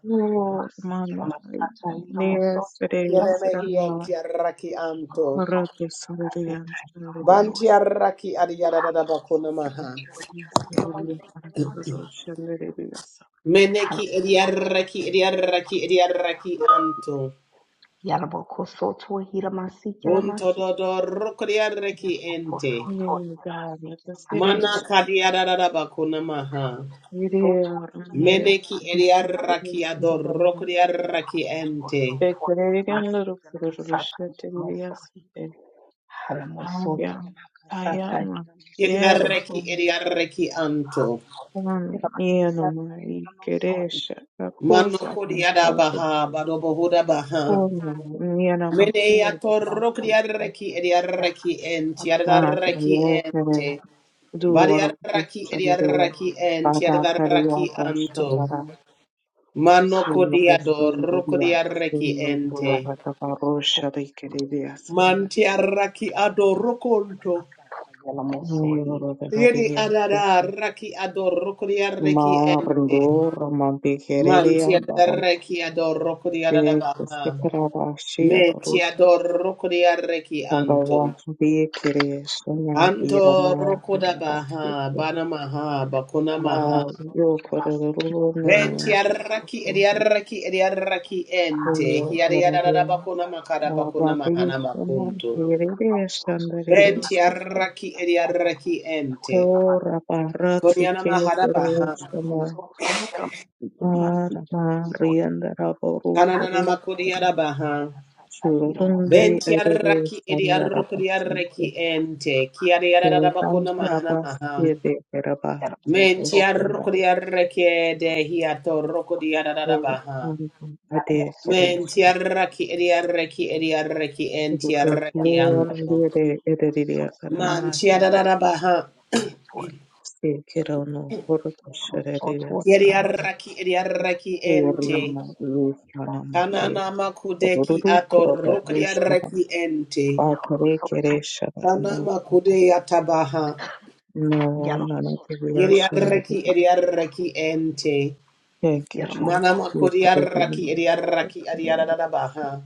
A: Hira masata hira mosoto hira
B: Kienemehi
A: masiki
B: entia raki anto.
C: Horatu sandirian shandiriyas.
B: Bantia raki adiada da bakuna maha.
C: Sandiriya parapararo shandiriyas.
B: Meneki ediaraki ediaraki ediaraki anto.
A: Yalabokoso tohira
B: Bunto dodo rokodiaraki ente.
C: Yay, God, let us hear it.
B: Mana kadiararaba kunamaha.
C: Yiriya ramiya.
B: Meneki
A: bakasata hira
B: eriaraki
A: mosohi.
B: adorokriaraki
A: Halamokoso
B: ente.
C: Bekaririyan
A: Twakilamasi
C: lurupururu
A: Kilamasata
C: shatiriyas.
A: Yamosari Halamoso
C: Haya,
A: Kilamakasata
C: tayama,
A: Yamasi
C: yere,
B: Yedidareki
A: Kilamasi
C: um,
B: eriaraki anto.
A: Halamoso
C: yenoma,
A: Kilamakasata Yamasori
C: ikeresha,
B: Mano
C: kakusa,
A: Halamoso
C: kakusa,
B: kodiadabaha
A: Twakilamasi Kilamasi
B: badobohudabaha.
C: yenama,
B: Mene
A: Yalamoso Twakilamasi
C: the
B: atorokriaraki
A: Kilamasi
B: eriaraki
A: Kilamasi
B: ente.
A: Kilamaso
B: Yadaraki
A: Twakilamasi
C: kakusa.
B: ente.
A: Kilamasi
C: Dora
B: Bariaraki
C: Shandaya
B: eriaraki
A: Hanamoso
B: ente.
C: Bada
A: Keramakasa
C: Kariya
B: Yadaraki anto.
C: Dashamara
A: Hiramosoto
B: Mano
C: Sula
A: Hanamosoto
C: Vasundaya
A: Hiramasi
B: kodiadorokriaraki
C: Sula
A: Keramasata
C: Pula
B: ente.
C: Vatavaro
A: Hiramosoto
C: Sharikiriya Sundar
A: Hiramasi
B: Mantiaraki
A: Haramasi
B: adorokonto.
A: Keramasata Yalamosohi
C: Nayavara
B: Yedi
C: Mariya
B: adada raki ador rokodi reki ente.
C: Marandora
B: Man
C: Mabikiriya
B: ti adada
C: Barante
B: reki ador rokodi adada baha.
C: Sikara, Shia, the
B: Me
C: Rashiya
B: ti
C: Daru
B: ador rokodi reki anto.
C: Sandava Vikiriya Suna
B: Anto
C: Irama
B: rokoda baha,
C: Vasundaya
B: bana maha, bakuna maha.
C: Va
A: Hanamoso Keramasi Keramasata
B: Venti
C: Yokororuna
B: arraki edi
A: Hiramosohi
B: arraki edi arraki ente.
C: Sula
A: Hanamoso
B: Hiari adada
C: Arabiya
B: bakuna
A: Keramakasata
B: makada bakuna mahana
A: Hiramosohi
C: Rababishana
B: bakunto.
A: Yalamosoto
C: Hiririshana
B: Venti
A: Hiramasi
C: Ririyosika
B: arraki edi
A: Keramasata
B: arraki
A: Yalamosoto
B: ente.
C: Ora
A: Hiramasi
C: Bharatsi
B: Kodiana mahada baha.
C: Kirishana
A: Yalamasotho, Yalamasi, Yalamasi,
C: Arama
A: Yalamasoi,
C: Riyandara
B: Kananana
C: Borukuru
A: Yamasotho,
B: makodiada baha.
A: Yalamakasata,
B: Ben
C: Shurudundi
A: Yalamasoi,
B: tiaraki edi
C: Iririshana
B: arrukri
A: Yalamokosotho,
C: Rabasika
B: arreki
A: Yalamasi, Yalamasi,
B: ente. Kiari
A: Yalamasi,
C: Sirdan
B: ararabakuna mahana maha.
C: Rabasiri
A: Yalamasi,
C: Rabasiri
B: Men
A: Yalamokosotho, Yalamasatho, Yalamasotho,
C: Rishana
A: Yalamasi,
B: tiarrukri
A: Yalamasotho, Yalamasi,
B: arreki de
A: Yalamasi,
B: hiato rokodi ararabaha.
C: Borukuru Ade
B: Men
C: Kirishana
B: tiaraki edi arreki edi arreki enti
C: Ruka
B: arreki
C: Lord
B: anto.
C: Lire
A: Yalamasi, Yalamokosotho, Yalamasotho,
B: Man
C: Iririyakaramari
B: tiararabaha.
A: Yalamakasata, Yalamosotho.
C: Sikirano Borukuru Shiririya
B: Kiari arraki edi arreki ente.
C: Kurima rufana muke
B: Kanana makudeki
C: ruru
B: ato
C: kuroba
B: rokri
C: rushaba
B: arreki ente.
C: bakore keresha
B: Kanama
C: barumva
B: kude yatabaha.
C: na na na
B: Yeri
C: kibiyashon
B: arreki edi arreki ente.
C: thank you jesus
B: Mana
C: Thank you, thank you.
B: kuriaraki
C: thank
B: idiaraki
C: you.
B: adiadadabaha.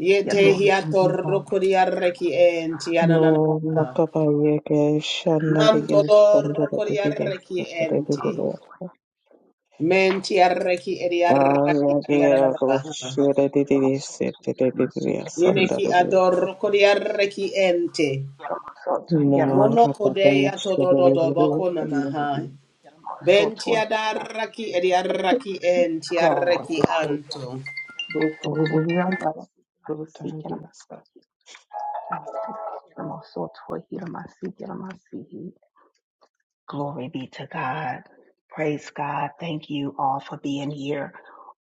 B: Yete
C: Oh, oh, oh, oh.
B: hiator kuriaraki enti
C: no
B: ananana.
C: makapa yeke
B: Mam
C: shanari
B: todor
C: yendora dibibe
B: kuriaraki
C: kore
B: enti.
C: dibibe
B: Menti araki
C: ah
B: idiaraki
C: yake ro
B: adiadadabaha.
C: shure didisi didisi
B: Yeneki ador kuriaraki enti.
A: Yalamasoto, Yalamasi,
C: Mora
B: Monokodea
C: babamusha
A: Yalamasi,
C: barebare
B: todododobakonamaha.
C: bakamuririza
A: Yalamasi,
B: Benti
A: Yalamasoto, Yalamasi,
B: adaraki
A: Yalamasi,
B: enti araki
C: bavuga
B: anto.
A: Yalamasi, Yalamasoto,
C: rutare
A: Yalamasoto,
C: ruriyambara
A: Yalamasi,
C: rutare rurasa
A: Yalamasi, Yalamasi, Yalamasoto, Yalamasi, Yalamasi, Glory be to God. Praise God. Thank you all for being here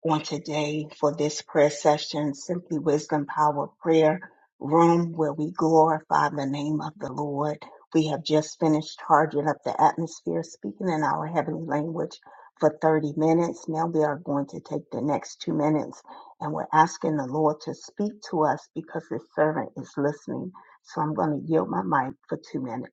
A: on today for this prayer session, Simply Wisdom Power Prayer Room, where we glorify the name of the Lord. We have just finished charging up the atmosphere, speaking in our heavenly language for 30 minutes. Now we are going to take the next two minutes and we're asking the Lord to speak to us because his servant is listening. So I'm going to yield my mic for two minutes.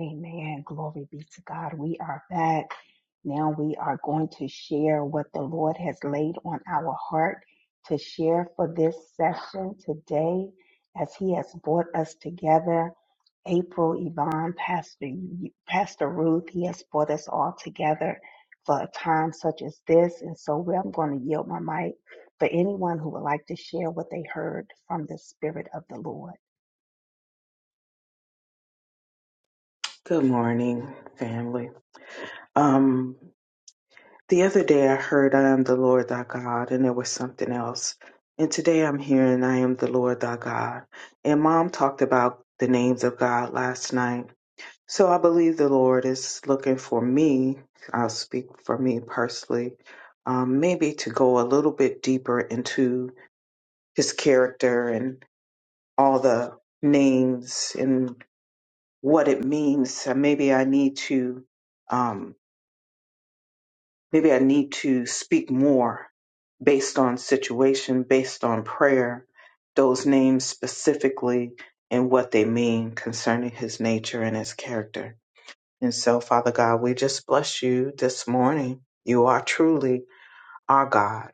A: Amen. Glory be to God. We are back. Now we are going to share what the Lord has laid on our heart to share for this session today as He has brought us together. April, Yvonne, Pastor, Pastor Ruth, He has brought us all together for a time such as this. And so we- I'm going to yield my mic for anyone who would like to share what they heard from the Spirit of the Lord.
C: Good morning, family. Um, the other day I heard I am the Lord thy God, and there was something else. And today I'm hearing I am the Lord thy God. And mom talked about the names of God last night So I believe the Lord is looking for me. I'll speak for me personally, um, maybe to go a little bit deeper into his character and all the names and what it means. So maybe I need to, um, maybe I need to speak more based on situation, based on prayer, those names specifically and what they mean concerning his nature and his character. And so, Father God, we just bless you this morning. You are truly our God.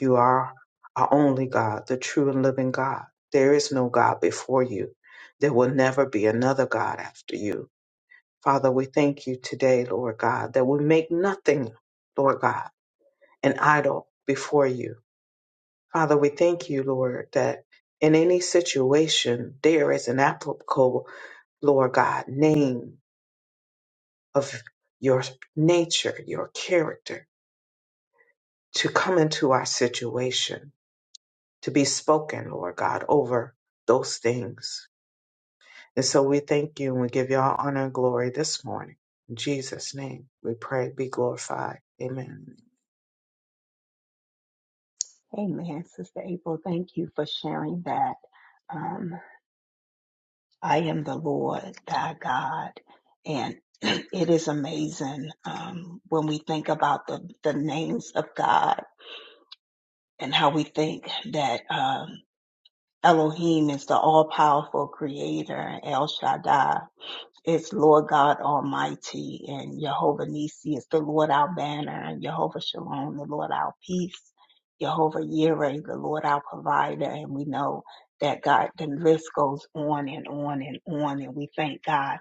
C: You are our only God, the true and living God. There is no God before you. There will never be another God after you. Father, we thank you today, Lord God, that we make nothing, Lord God, an idol before you. Father, we thank you, Lord, that in any situation there is an applicable, Lord God, name of your nature, your character to come into our situation, to be spoken, Lord God, over those things. And so we thank you and we give you all honor and glory this morning. In Jesus' name, we pray, be glorified. Amen.
A: Amen, Sister April. Thank you for sharing that. Um, I am the Lord thy God, and [CLEARS THROAT] it is amazing um, when we think about the the names of God and how we think that um, Elohim is the all powerful Creator, El Shaddai, It's Lord God Almighty and Jehovah Nisi is the Lord our banner and Jehovah Shalom, the Lord our peace, Jehovah Yireh, the Lord our provider. And we know that God, the list goes on and on and on. And we thank God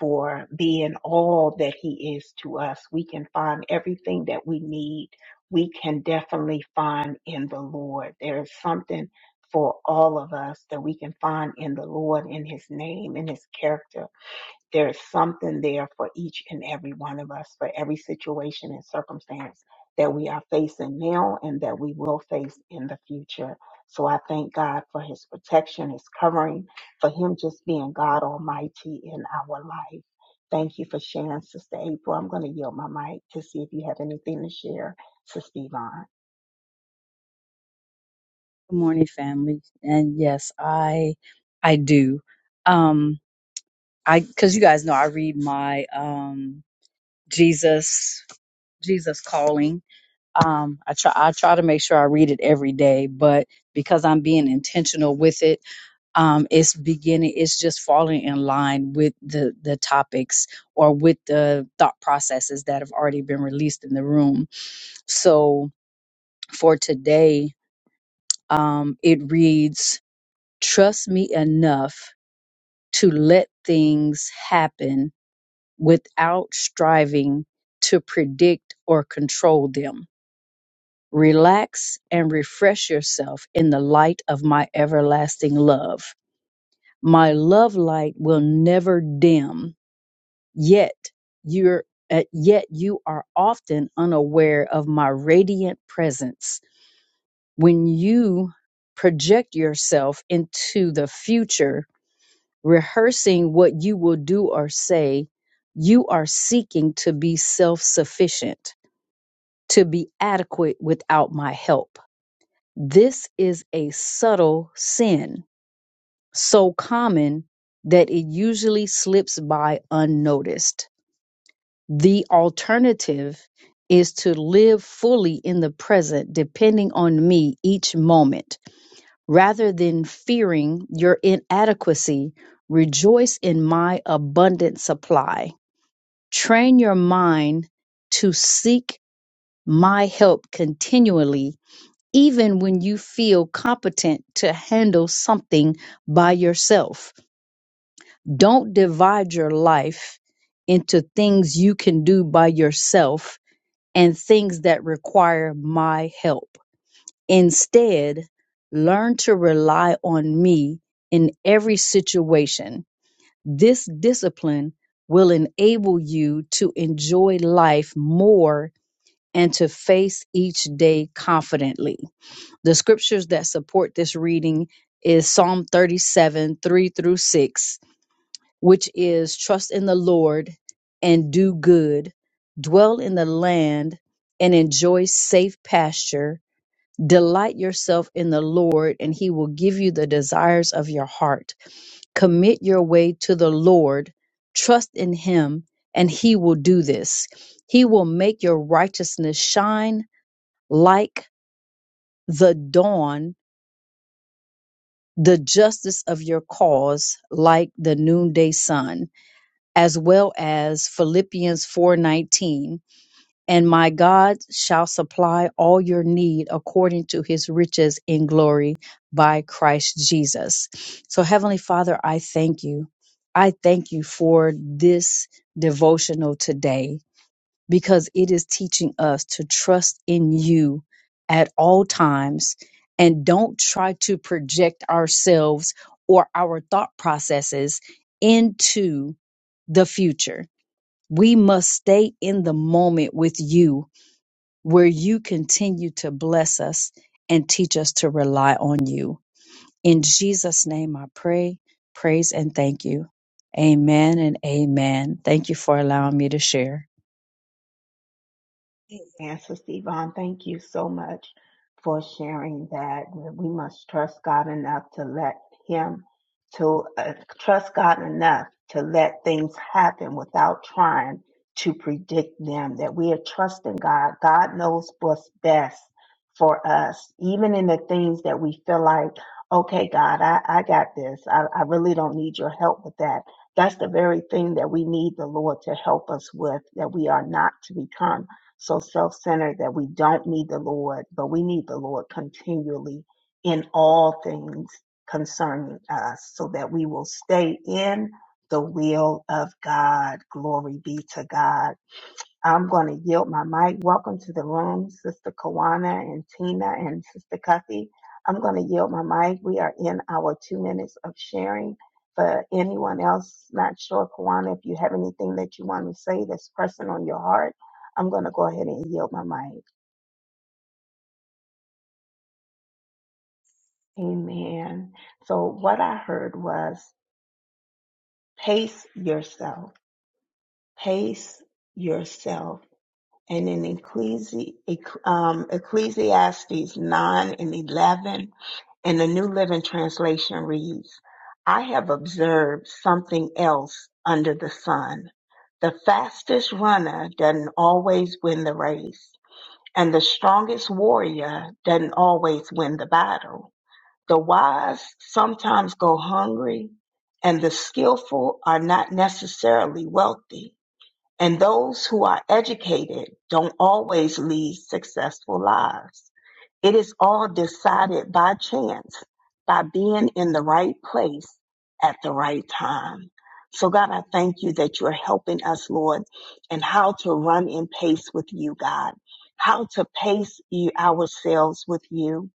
A: for being all that he is to us. We can find everything that we need. We can definitely find in the Lord. There is something for all of us that we can find in the Lord, in his name, in his character there is something there for each and every one of us, for every situation and circumstance that we are facing now and that we will face in the future. So I thank God for his protection, his covering, for him just being God Almighty in our life. Thank you for sharing, Sister April. I'm going to yield my mic to see if you have anything to share, Sister Yvonne.
D: Good morning, family. And yes, I I do. Um I cuz you guys know I read my um Jesus Jesus calling. Um I try I try to make sure I read it every day, but because I'm being intentional with it, um it's beginning it's just falling in line with the the topics or with the thought processes that have already been released in the room. So for today, um it reads trust me enough to let things happen without striving to predict or control them. Relax and refresh yourself in the light of my everlasting love. My love light will never dim, yet you're uh, yet you are often unaware of my radiant presence. When you project yourself into the future rehearsing what you will do or say, you are seeking to be self sufficient, to be adequate without my help. This is a subtle sin, so common that it usually slips by unnoticed. The alternative is to live fully in the present, depending on me each moment Rather than fearing your inadequacy, rejoice in my abundant supply. Train your mind to seek my help continually, even when you feel competent to handle something by yourself. Don't divide your life into things you can do by yourself and things that require my help. Instead, learn to rely on me in every situation. This discipline will enable you to enjoy life more and to face each day confidently. The scriptures that support this reading is Psalm 37, 3 through 6, which is trust in the Lord and do good, dwell in the land and enjoy safe pasture Delight yourself in the Lord, and He will give you the desires of your heart. Commit your way to the Lord. Trust in Him, and He will do this. He will make your righteousness shine like the dawn, the justice of your cause like the noonday sun, as well as Philippians 4:19. and my God shall supply all your need according to his riches in glory by Christ Jesus. So, Heavenly Father, I thank you. I thank you for this devotional today because it is teaching us to trust in you at all times and don't try to project ourselves or our thought processes into the future. We must stay in the moment with you where you continue to bless us and teach us to rely on you. In Jesus' name, I pray, praise, and thank you. Amen and amen. Thank you for allowing me to share.
A: And Sister Yvonne, thank you so much for sharing that. We must trust God enough to let Him, to uh, trust God enough to let things happen without trying to predict them. That we are trusting God. God knows what's best for us, even in the things that we feel like, okay, God, I, I got this. I, I really don't need your help with that. That's the very thing that we need the Lord to help us with, that we are not to become so self centered that we don't need the Lord, but we need the Lord continually in all things concerning us so that we will stay in the will of God. Glory be to God. I'm going to yield my mic. Welcome to the room, Sister Kawana and Tina and Sister Cuffy. I'm going to yield my mic. We are in our two minutes of sharing. For anyone else not sure, Kawana, if you have anything that you want to say that's pressing on your heart, I'm going to go ahead and yield my mic. Amen. So, what I heard was pace yourself, pace yourself and in Ecclesi- Ecc- um, Ecclesiastes 9 and 11 in the New Living Translation reads, I have observed something else under the sun. The fastest runner doesn't always win the race, and the strongest warrior doesn't always win the battle. The wise sometimes go hungry, and the skillful are not necessarily wealthy and those who are educated don't always lead successful lives. It is all decided by chance, by being in the right place at the right time. So, God, I thank you that you're helping us, Lord, and how to run in pace with you, God, how to pace you, ourselves with you.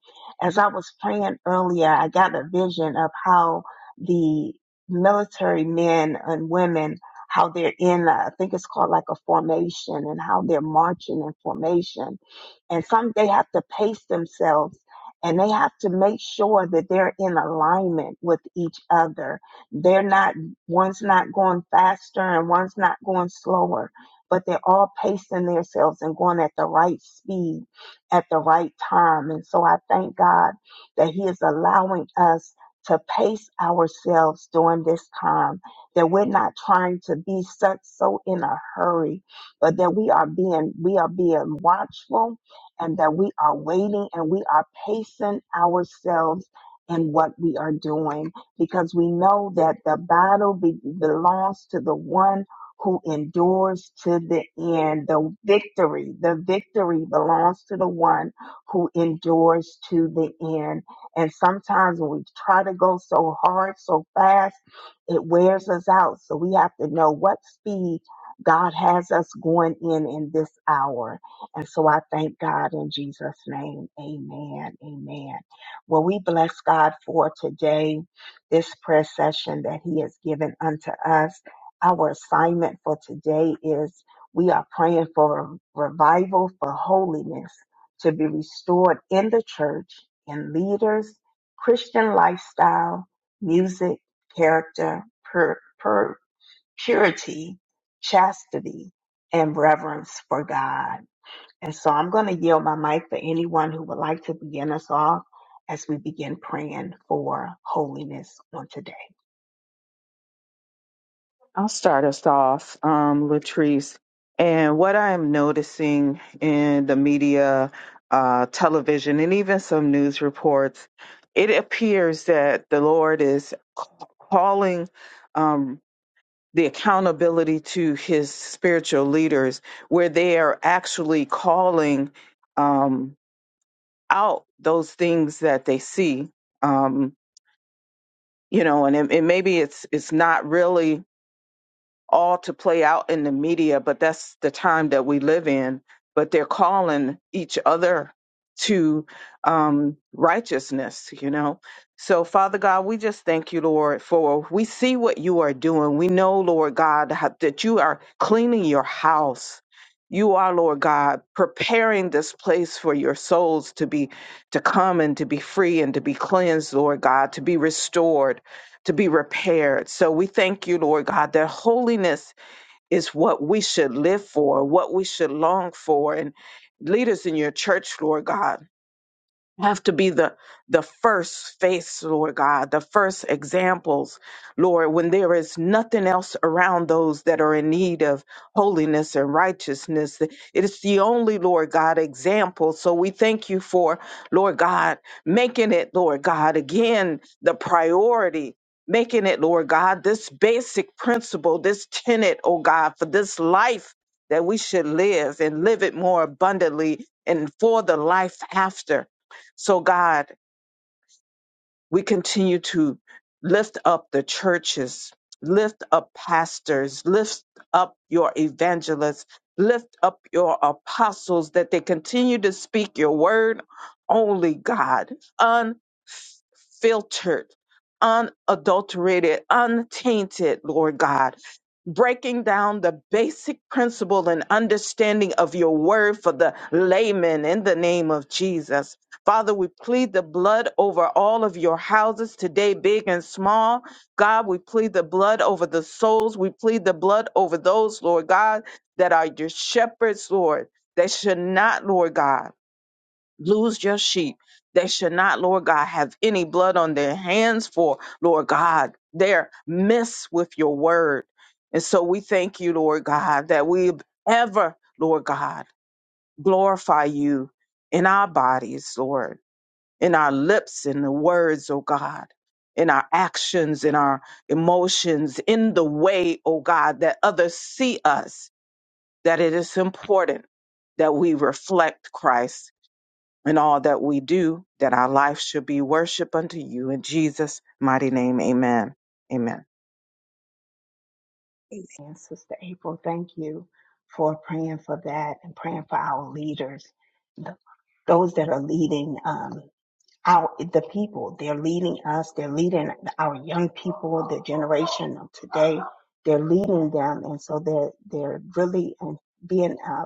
A: As I was praying earlier, I got a vision of how the military men and women, how they're in, a, I think it's called like a formation, and how they're marching in formation and some they have to pace themselves and they have to make sure that they're in alignment with each other they're not one's not going faster and one's not going slower but they're all pacing themselves and going at the right speed at the right time and so i thank god that he is allowing us to pace ourselves during this time that we're not trying to be such so in a hurry but that we are being we are being watchful and that we are waiting and we are pacing ourselves in what we are doing because we know that the battle be- belongs to the one who endures to the end. The victory, the victory belongs to the one who endures to the end. And sometimes when we try to go so hard, so fast, it wears us out. So we have to know what speed God has us going in in this hour. And so I thank God in Jesus' name. Amen. Amen. Well, we bless God for today, this prayer session that He has given unto us. Our assignment for today is we are praying for revival, for holiness to be restored in the church, in leaders, Christian lifestyle, music, character, pur- pur- purity, chastity, and reverence for God. And so I'm going to yield my mic for anyone who would like to begin us off as we begin praying for holiness on today.
C: I'll start us off, um, Latrice. And what I am noticing in the media, uh, television, and even some news reports, it appears that the Lord is c- calling. um, the accountability to his spiritual leaders, where they are actually calling um, out those things that they see, um, you know, and it, it, maybe it's it's not really all to play out in the media, but that's the time that we live in. But they're calling each other to um, righteousness, you know. So, Father God, we just thank you, Lord, for we see what you are doing. We know, Lord God, how- that you are cleaning your house. You are, Lord God, preparing this place for your souls to be to come and to be free and to be cleansed, Lord God, to be restored to be repaired. So we thank you, Lord God, that holiness is what we should live for, what we should long for. And leaders in your church, Lord God have to be the the first face lord god the first examples lord when there is nothing else around those that are in need of holiness and righteousness it is the only lord god example so we thank you for lord god making it lord god again the priority making it lord god this basic principle this tenet oh god for this life that we should live and live it more abundantly and for the life after so, God, we continue to lift up the churches, lift up pastors, lift up your evangelists, lift up your apostles that they continue to speak your word only, God, unfiltered, unadulterated, untainted, Lord God. Breaking down the basic principle and understanding of your word for the layman in the name of Jesus. Father, we plead the blood over all of your houses today, big and small. God, we plead the blood over the souls. We plead the blood over those, Lord God, that are your shepherds, Lord, They should not, Lord God, lose your sheep. They should not, Lord God, have any blood on their hands for, Lord God, their miss with your word. And so we thank you, Lord God, that we ever, Lord God, glorify you in our bodies, Lord in our lips, in the words, oh God, in our actions, in our emotions, in the way, oh God, that others see us, that it is important that we reflect Christ in all that we do, that our life should be worship unto you. In Jesus' mighty name, amen. Amen.
A: Amen. Sister April, thank you for praying for that and praying for our leaders, th- those that are leading um, our the people. They're leading us. They're leading our young people, the generation of today. They're leading them, and so they're they're really um, being a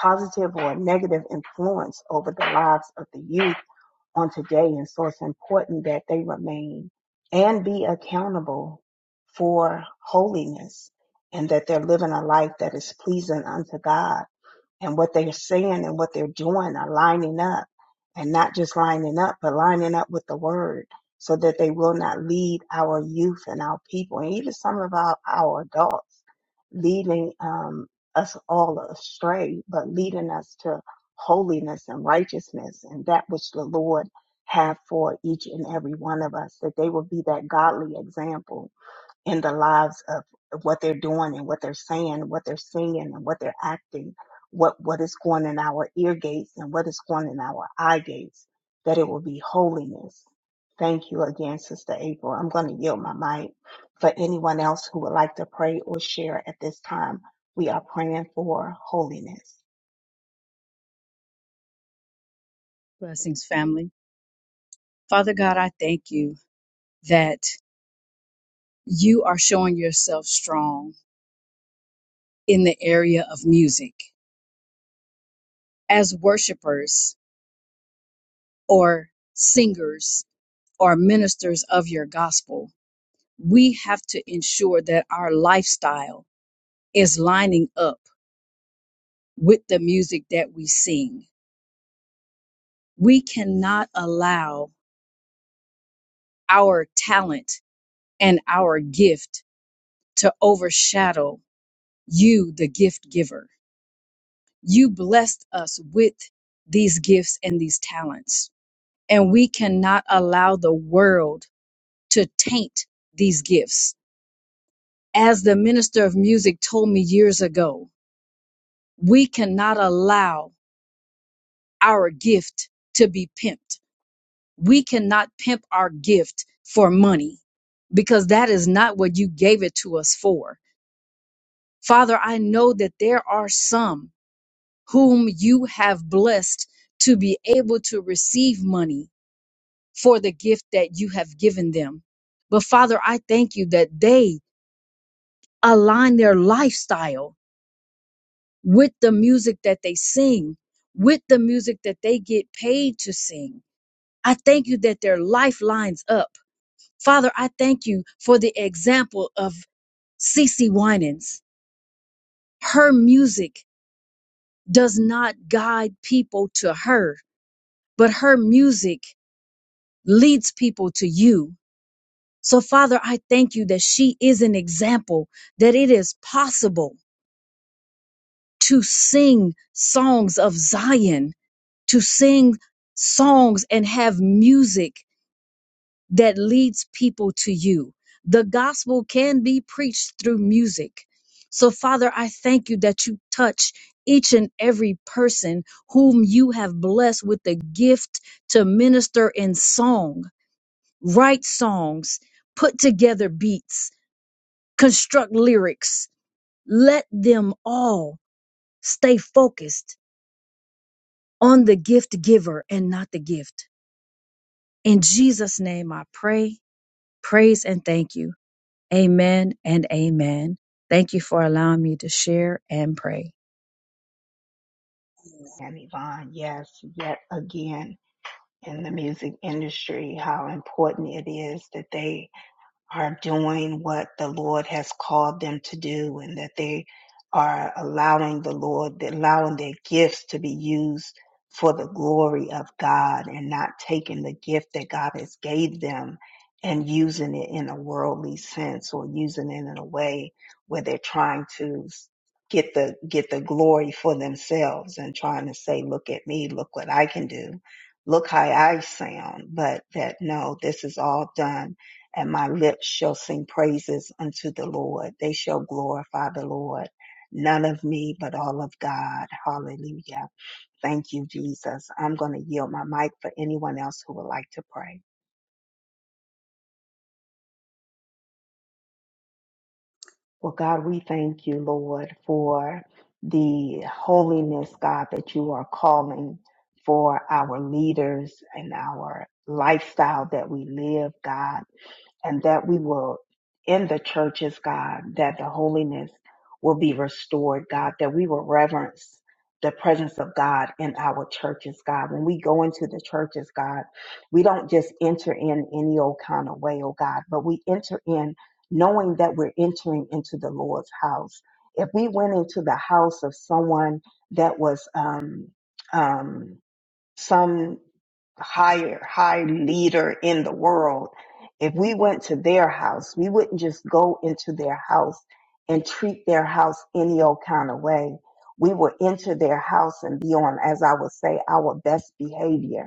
A: positive or negative influence over the lives of the youth on today. And so it's important that they remain and be accountable for holiness and that they're living a life that is pleasing unto God and what they're saying and what they're doing are lining up and not just lining up, but lining up with the word so that they will not lead our youth and our people and even some of our, our adults leading um, us all astray, but leading us to holiness and righteousness and that which the Lord have for each and every one of us, that they will be that godly example in the lives of what they're doing and what they're saying, what they're singing and what they're acting, what, what is going in our ear gates and what is going in our eye gates, that it will be holiness. Thank you again, Sister April. I'm going to yield my mic for anyone else who would like to pray or share at this time. We are praying for holiness.
D: Blessings, family. Father God, I thank you that you are showing yourself strong in the area of music. As worshipers or singers or ministers of your gospel, we have to ensure that our lifestyle is lining up with the music that we sing. We cannot allow our talent and our gift to overshadow you, the gift giver. You blessed us with these gifts and these talents, and we cannot allow the world to taint these gifts. As the minister of music told me years ago, we cannot allow our gift to be pimped We cannot pimp our gift for money because that is not what you gave it to us for. Father, I know that there are some whom you have blessed to be able to receive money for the gift that you have given them. But Father, I thank you that they align their lifestyle with the music that they sing, with the music that they get paid to sing. I thank you that their life lines up. Father, I thank you for the example of Cece Winans. Her music does not guide people to her, but her music leads people to you. So, Father, I thank you that she is an example that it is possible to sing songs of Zion, to sing songs and have music that leads people to you. The gospel can be preached through music. So, Father, I thank you that you touch each and every person whom you have blessed with the gift to minister in song, write songs, put together beats, construct lyrics. Let them all stay focused on the gift giver and not the gift. In Jesus' name, I pray, praise, and thank you. Amen and amen. Thank you for allowing me to share and pray.
A: And Yvonne, yes, yet again in the music industry, how important it is that they are doing what the Lord has called them to do and that they are allowing the Lord, allowing their gifts to be used for the glory of God and not taking the gift that God has gave them and using it in a worldly sense or using it in a way where they're trying to get the get the glory for themselves and trying to say look at me look what I can do look how I sound but that no this is all done and my lips shall sing praises unto the Lord. They shall glorify the Lord. None of me, but all of God. Hallelujah. Thank you, Jesus. I'm going to yield my mic for anyone else who would like to pray. Well, God, we thank you, Lord, for the holiness, God, that you are calling for our leaders and our lifestyle that we live, God. and that we will in the churches, God, that the holiness will be restored, God, that we will reverence the presence of God in our churches, God. When we go into the churches, God, we don't just enter in any old kind of way, oh God, but we enter in knowing that we're entering into the Lord's house. If we went into the house of someone that was um um some higher, high leader in the world, if we went to their house, we wouldn't just go into their house and treat their house any old kind of way. We would enter their house and be on, as I would say, our best behavior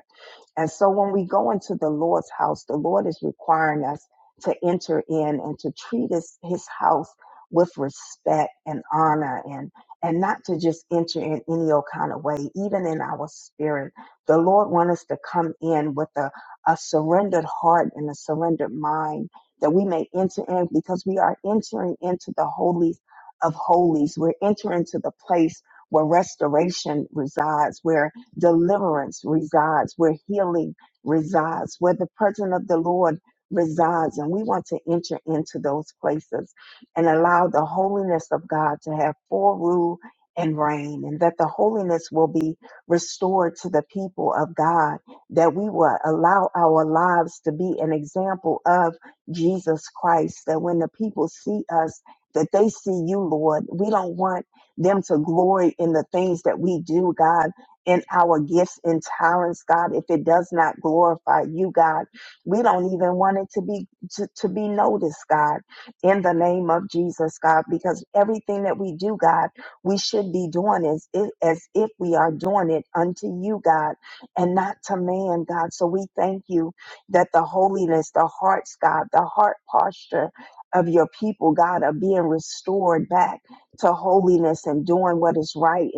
A: and so when we go into the Lord's house, the Lord is requiring us to enter in and to treat his, his house with respect and honor and and not to just enter in any old kind of way, even in our spirit. The Lord wants us to come in with a, a surrendered heart and a surrendered mind that we may enter in because we are entering into the holies of holies. We're entering to the place where restoration resides, where deliverance resides, where healing resides, where the presence of the Lord resides. And we want to enter into those places and allow the holiness of God to have full rule and reign, and that the holiness will be restored to the people of God, that we will allow our lives to be an example of Jesus Christ, that when the people see us, that they see you, Lord. We don't want them to glory in the things that we do, God in our gifts and talents, God, if it does not glorify you, God, we don't even want it to be to, to be noticed, God, in the name of Jesus, God, because everything that we do, God, we should be doing as if, as if we are doing it unto you, God, and not to man, God. So we thank you that the holiness, the hearts, God, the heart posture of your people, God, are being restored back to holiness and doing what is right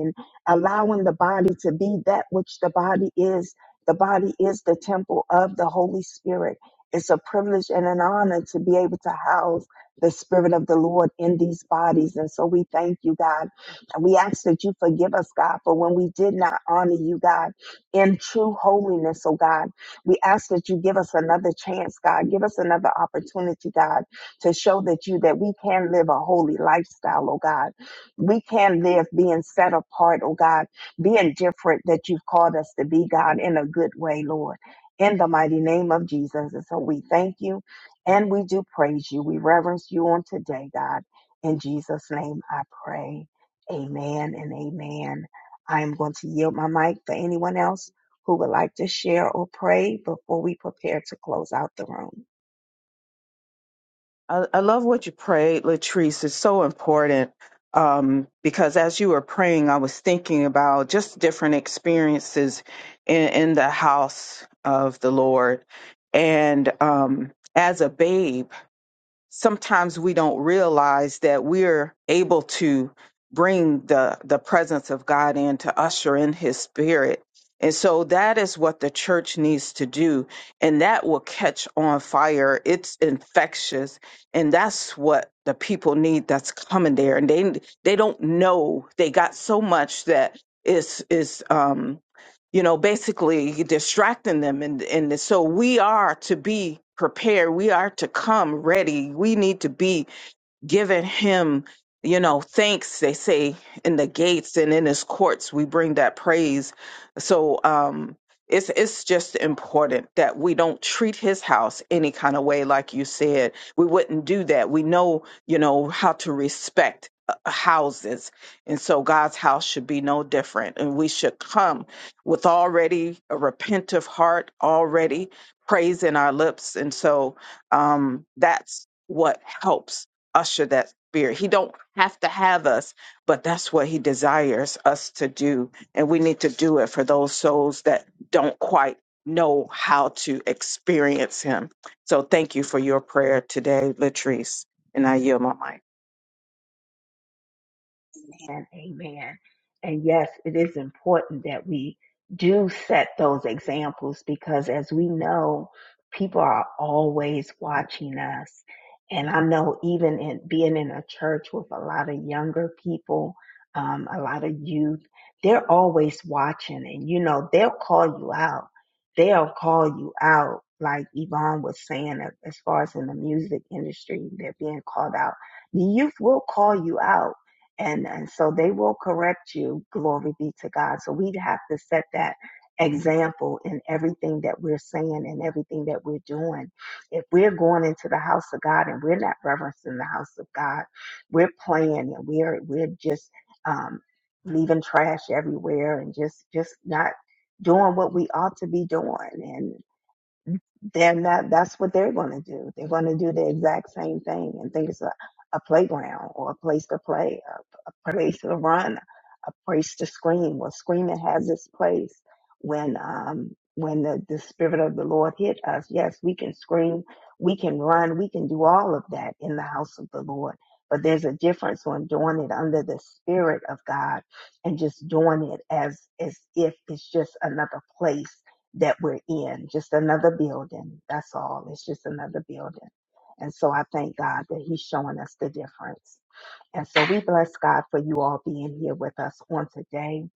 A: allowing the body to be that which the body is. The body is the temple of the Holy Spirit. It's a privilege and an honor to be able to house the Spirit of the Lord in these bodies. And so we thank you, God. And we ask that you forgive us, God, for when we did not honor you, God, in true holiness, oh God. We ask that you give us another chance, God. Give us another opportunity, God, to show that you that we can live a holy lifestyle, oh God we can live being set apart, oh God, being different that you've called us to be, God, in a good way, Lord. In the mighty name of Jesus. And so we thank you and we do praise you. We reverence you on today, God. In Jesus' name I pray. Amen and amen. I am going to yield my mic for anyone else who would like to share or pray before we prepare to close out the room.
C: I, I love what you prayed, Latrice. It's so important um, because as you were praying, I was thinking about just different experiences in, in the house of the Lord. And um, as a babe, sometimes we don't realize that we're able to bring the the presence of God in to usher in his spirit. And so that is what the church needs to do and that will catch on fire. It's infectious and that's what the people need that's coming there and they they don't know. They got so much that is is um you know, basically distracting them. And, and so we are to be prepared. We are to come ready. We need to be giving him, you know, thanks, they say, in the gates and in his courts, we bring that praise. So um it's it's just important that we don't treat his house any kind of way, like you said. We wouldn't do that. We know, you know, how to respect uh, uh, houses and so god's house should be no different and we should come with already a repentive heart already praise in our lips and so um that's what helps usher that spirit. He don't have to have us, but that's what he desires us to do. And we need to do it for those souls that don't quite know how to experience him. So thank you for your prayer today, Latrice. And I yield my mic.
A: Amen. Amen. And yes, it is important that we do set those examples because as we know, people are always watching us. And I know even in being in a church with a lot of younger people, um, a lot of youth, they're always watching and you know, they'll call you out. They'll call you out. Like Yvonne was saying, as far as in the music industry, they're being called out. The youth will call you out and and so they will correct you glory be to god so we have to set that example in everything that we're saying and everything that we're doing if we're going into the house of god and we're not reverencing the house of god we're playing and we're we're just um leaving trash everywhere and just just not doing what we ought to be doing they're not that's what they're going to do they're going to do the exact same thing and think it's a, a playground or a place to play a, a place to run a place to scream well screaming has its place when um when the, the spirit of the lord hit us yes we can scream we can run we can do all of that in the house of the lord but there's a difference when doing it under the spirit of god and just doing it as as if it's just another place that we're in, just another building. That's all. It's just another building. And so I thank God that He's showing us the difference. And so we bless God for you all being here with us on today.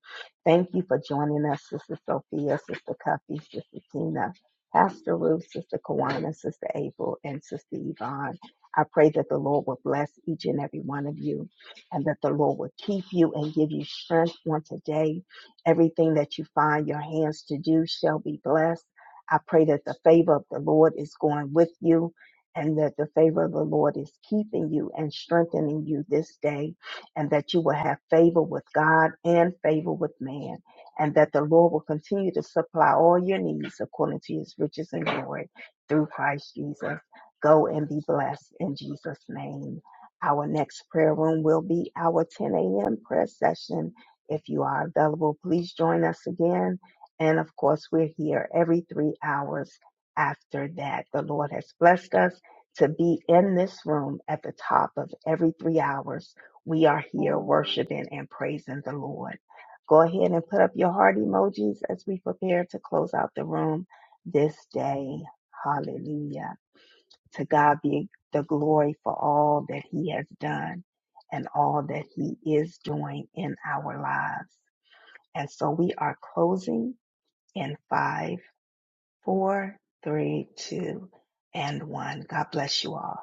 A: Thank you for joining us, Sister Sophia, Sister Cuffy, Sister Tina, Pastor Ruth, Sister Kawana, Sister April, and Sister Yvonne. I pray that the Lord will bless each and every one of you and that the Lord will keep you and give you strength on today. Everything that you find your hands to do shall be blessed. I pray that the favor of the Lord is going with you and that the favor of the Lord is keeping you and strengthening you this day, and that you will have favor with God and favor with man, and that the Lord will continue to supply all your needs according to his riches and glory through Christ Jesus. Go and be blessed in Jesus' name. Our next prayer room will be our 10 a.m. prayer session. If you are available, please join us again. And of course, we're here every three hours after that. The Lord has blessed us to be in this room at the top of every three hours. We are here worshiping and praising the Lord. Go ahead and put up your heart emojis as we prepare to close out the room this day. Hallelujah. To God be the glory for all that He has done and all that He is doing in our lives. And so we are closing in five, four, three, two, and one. God bless you all.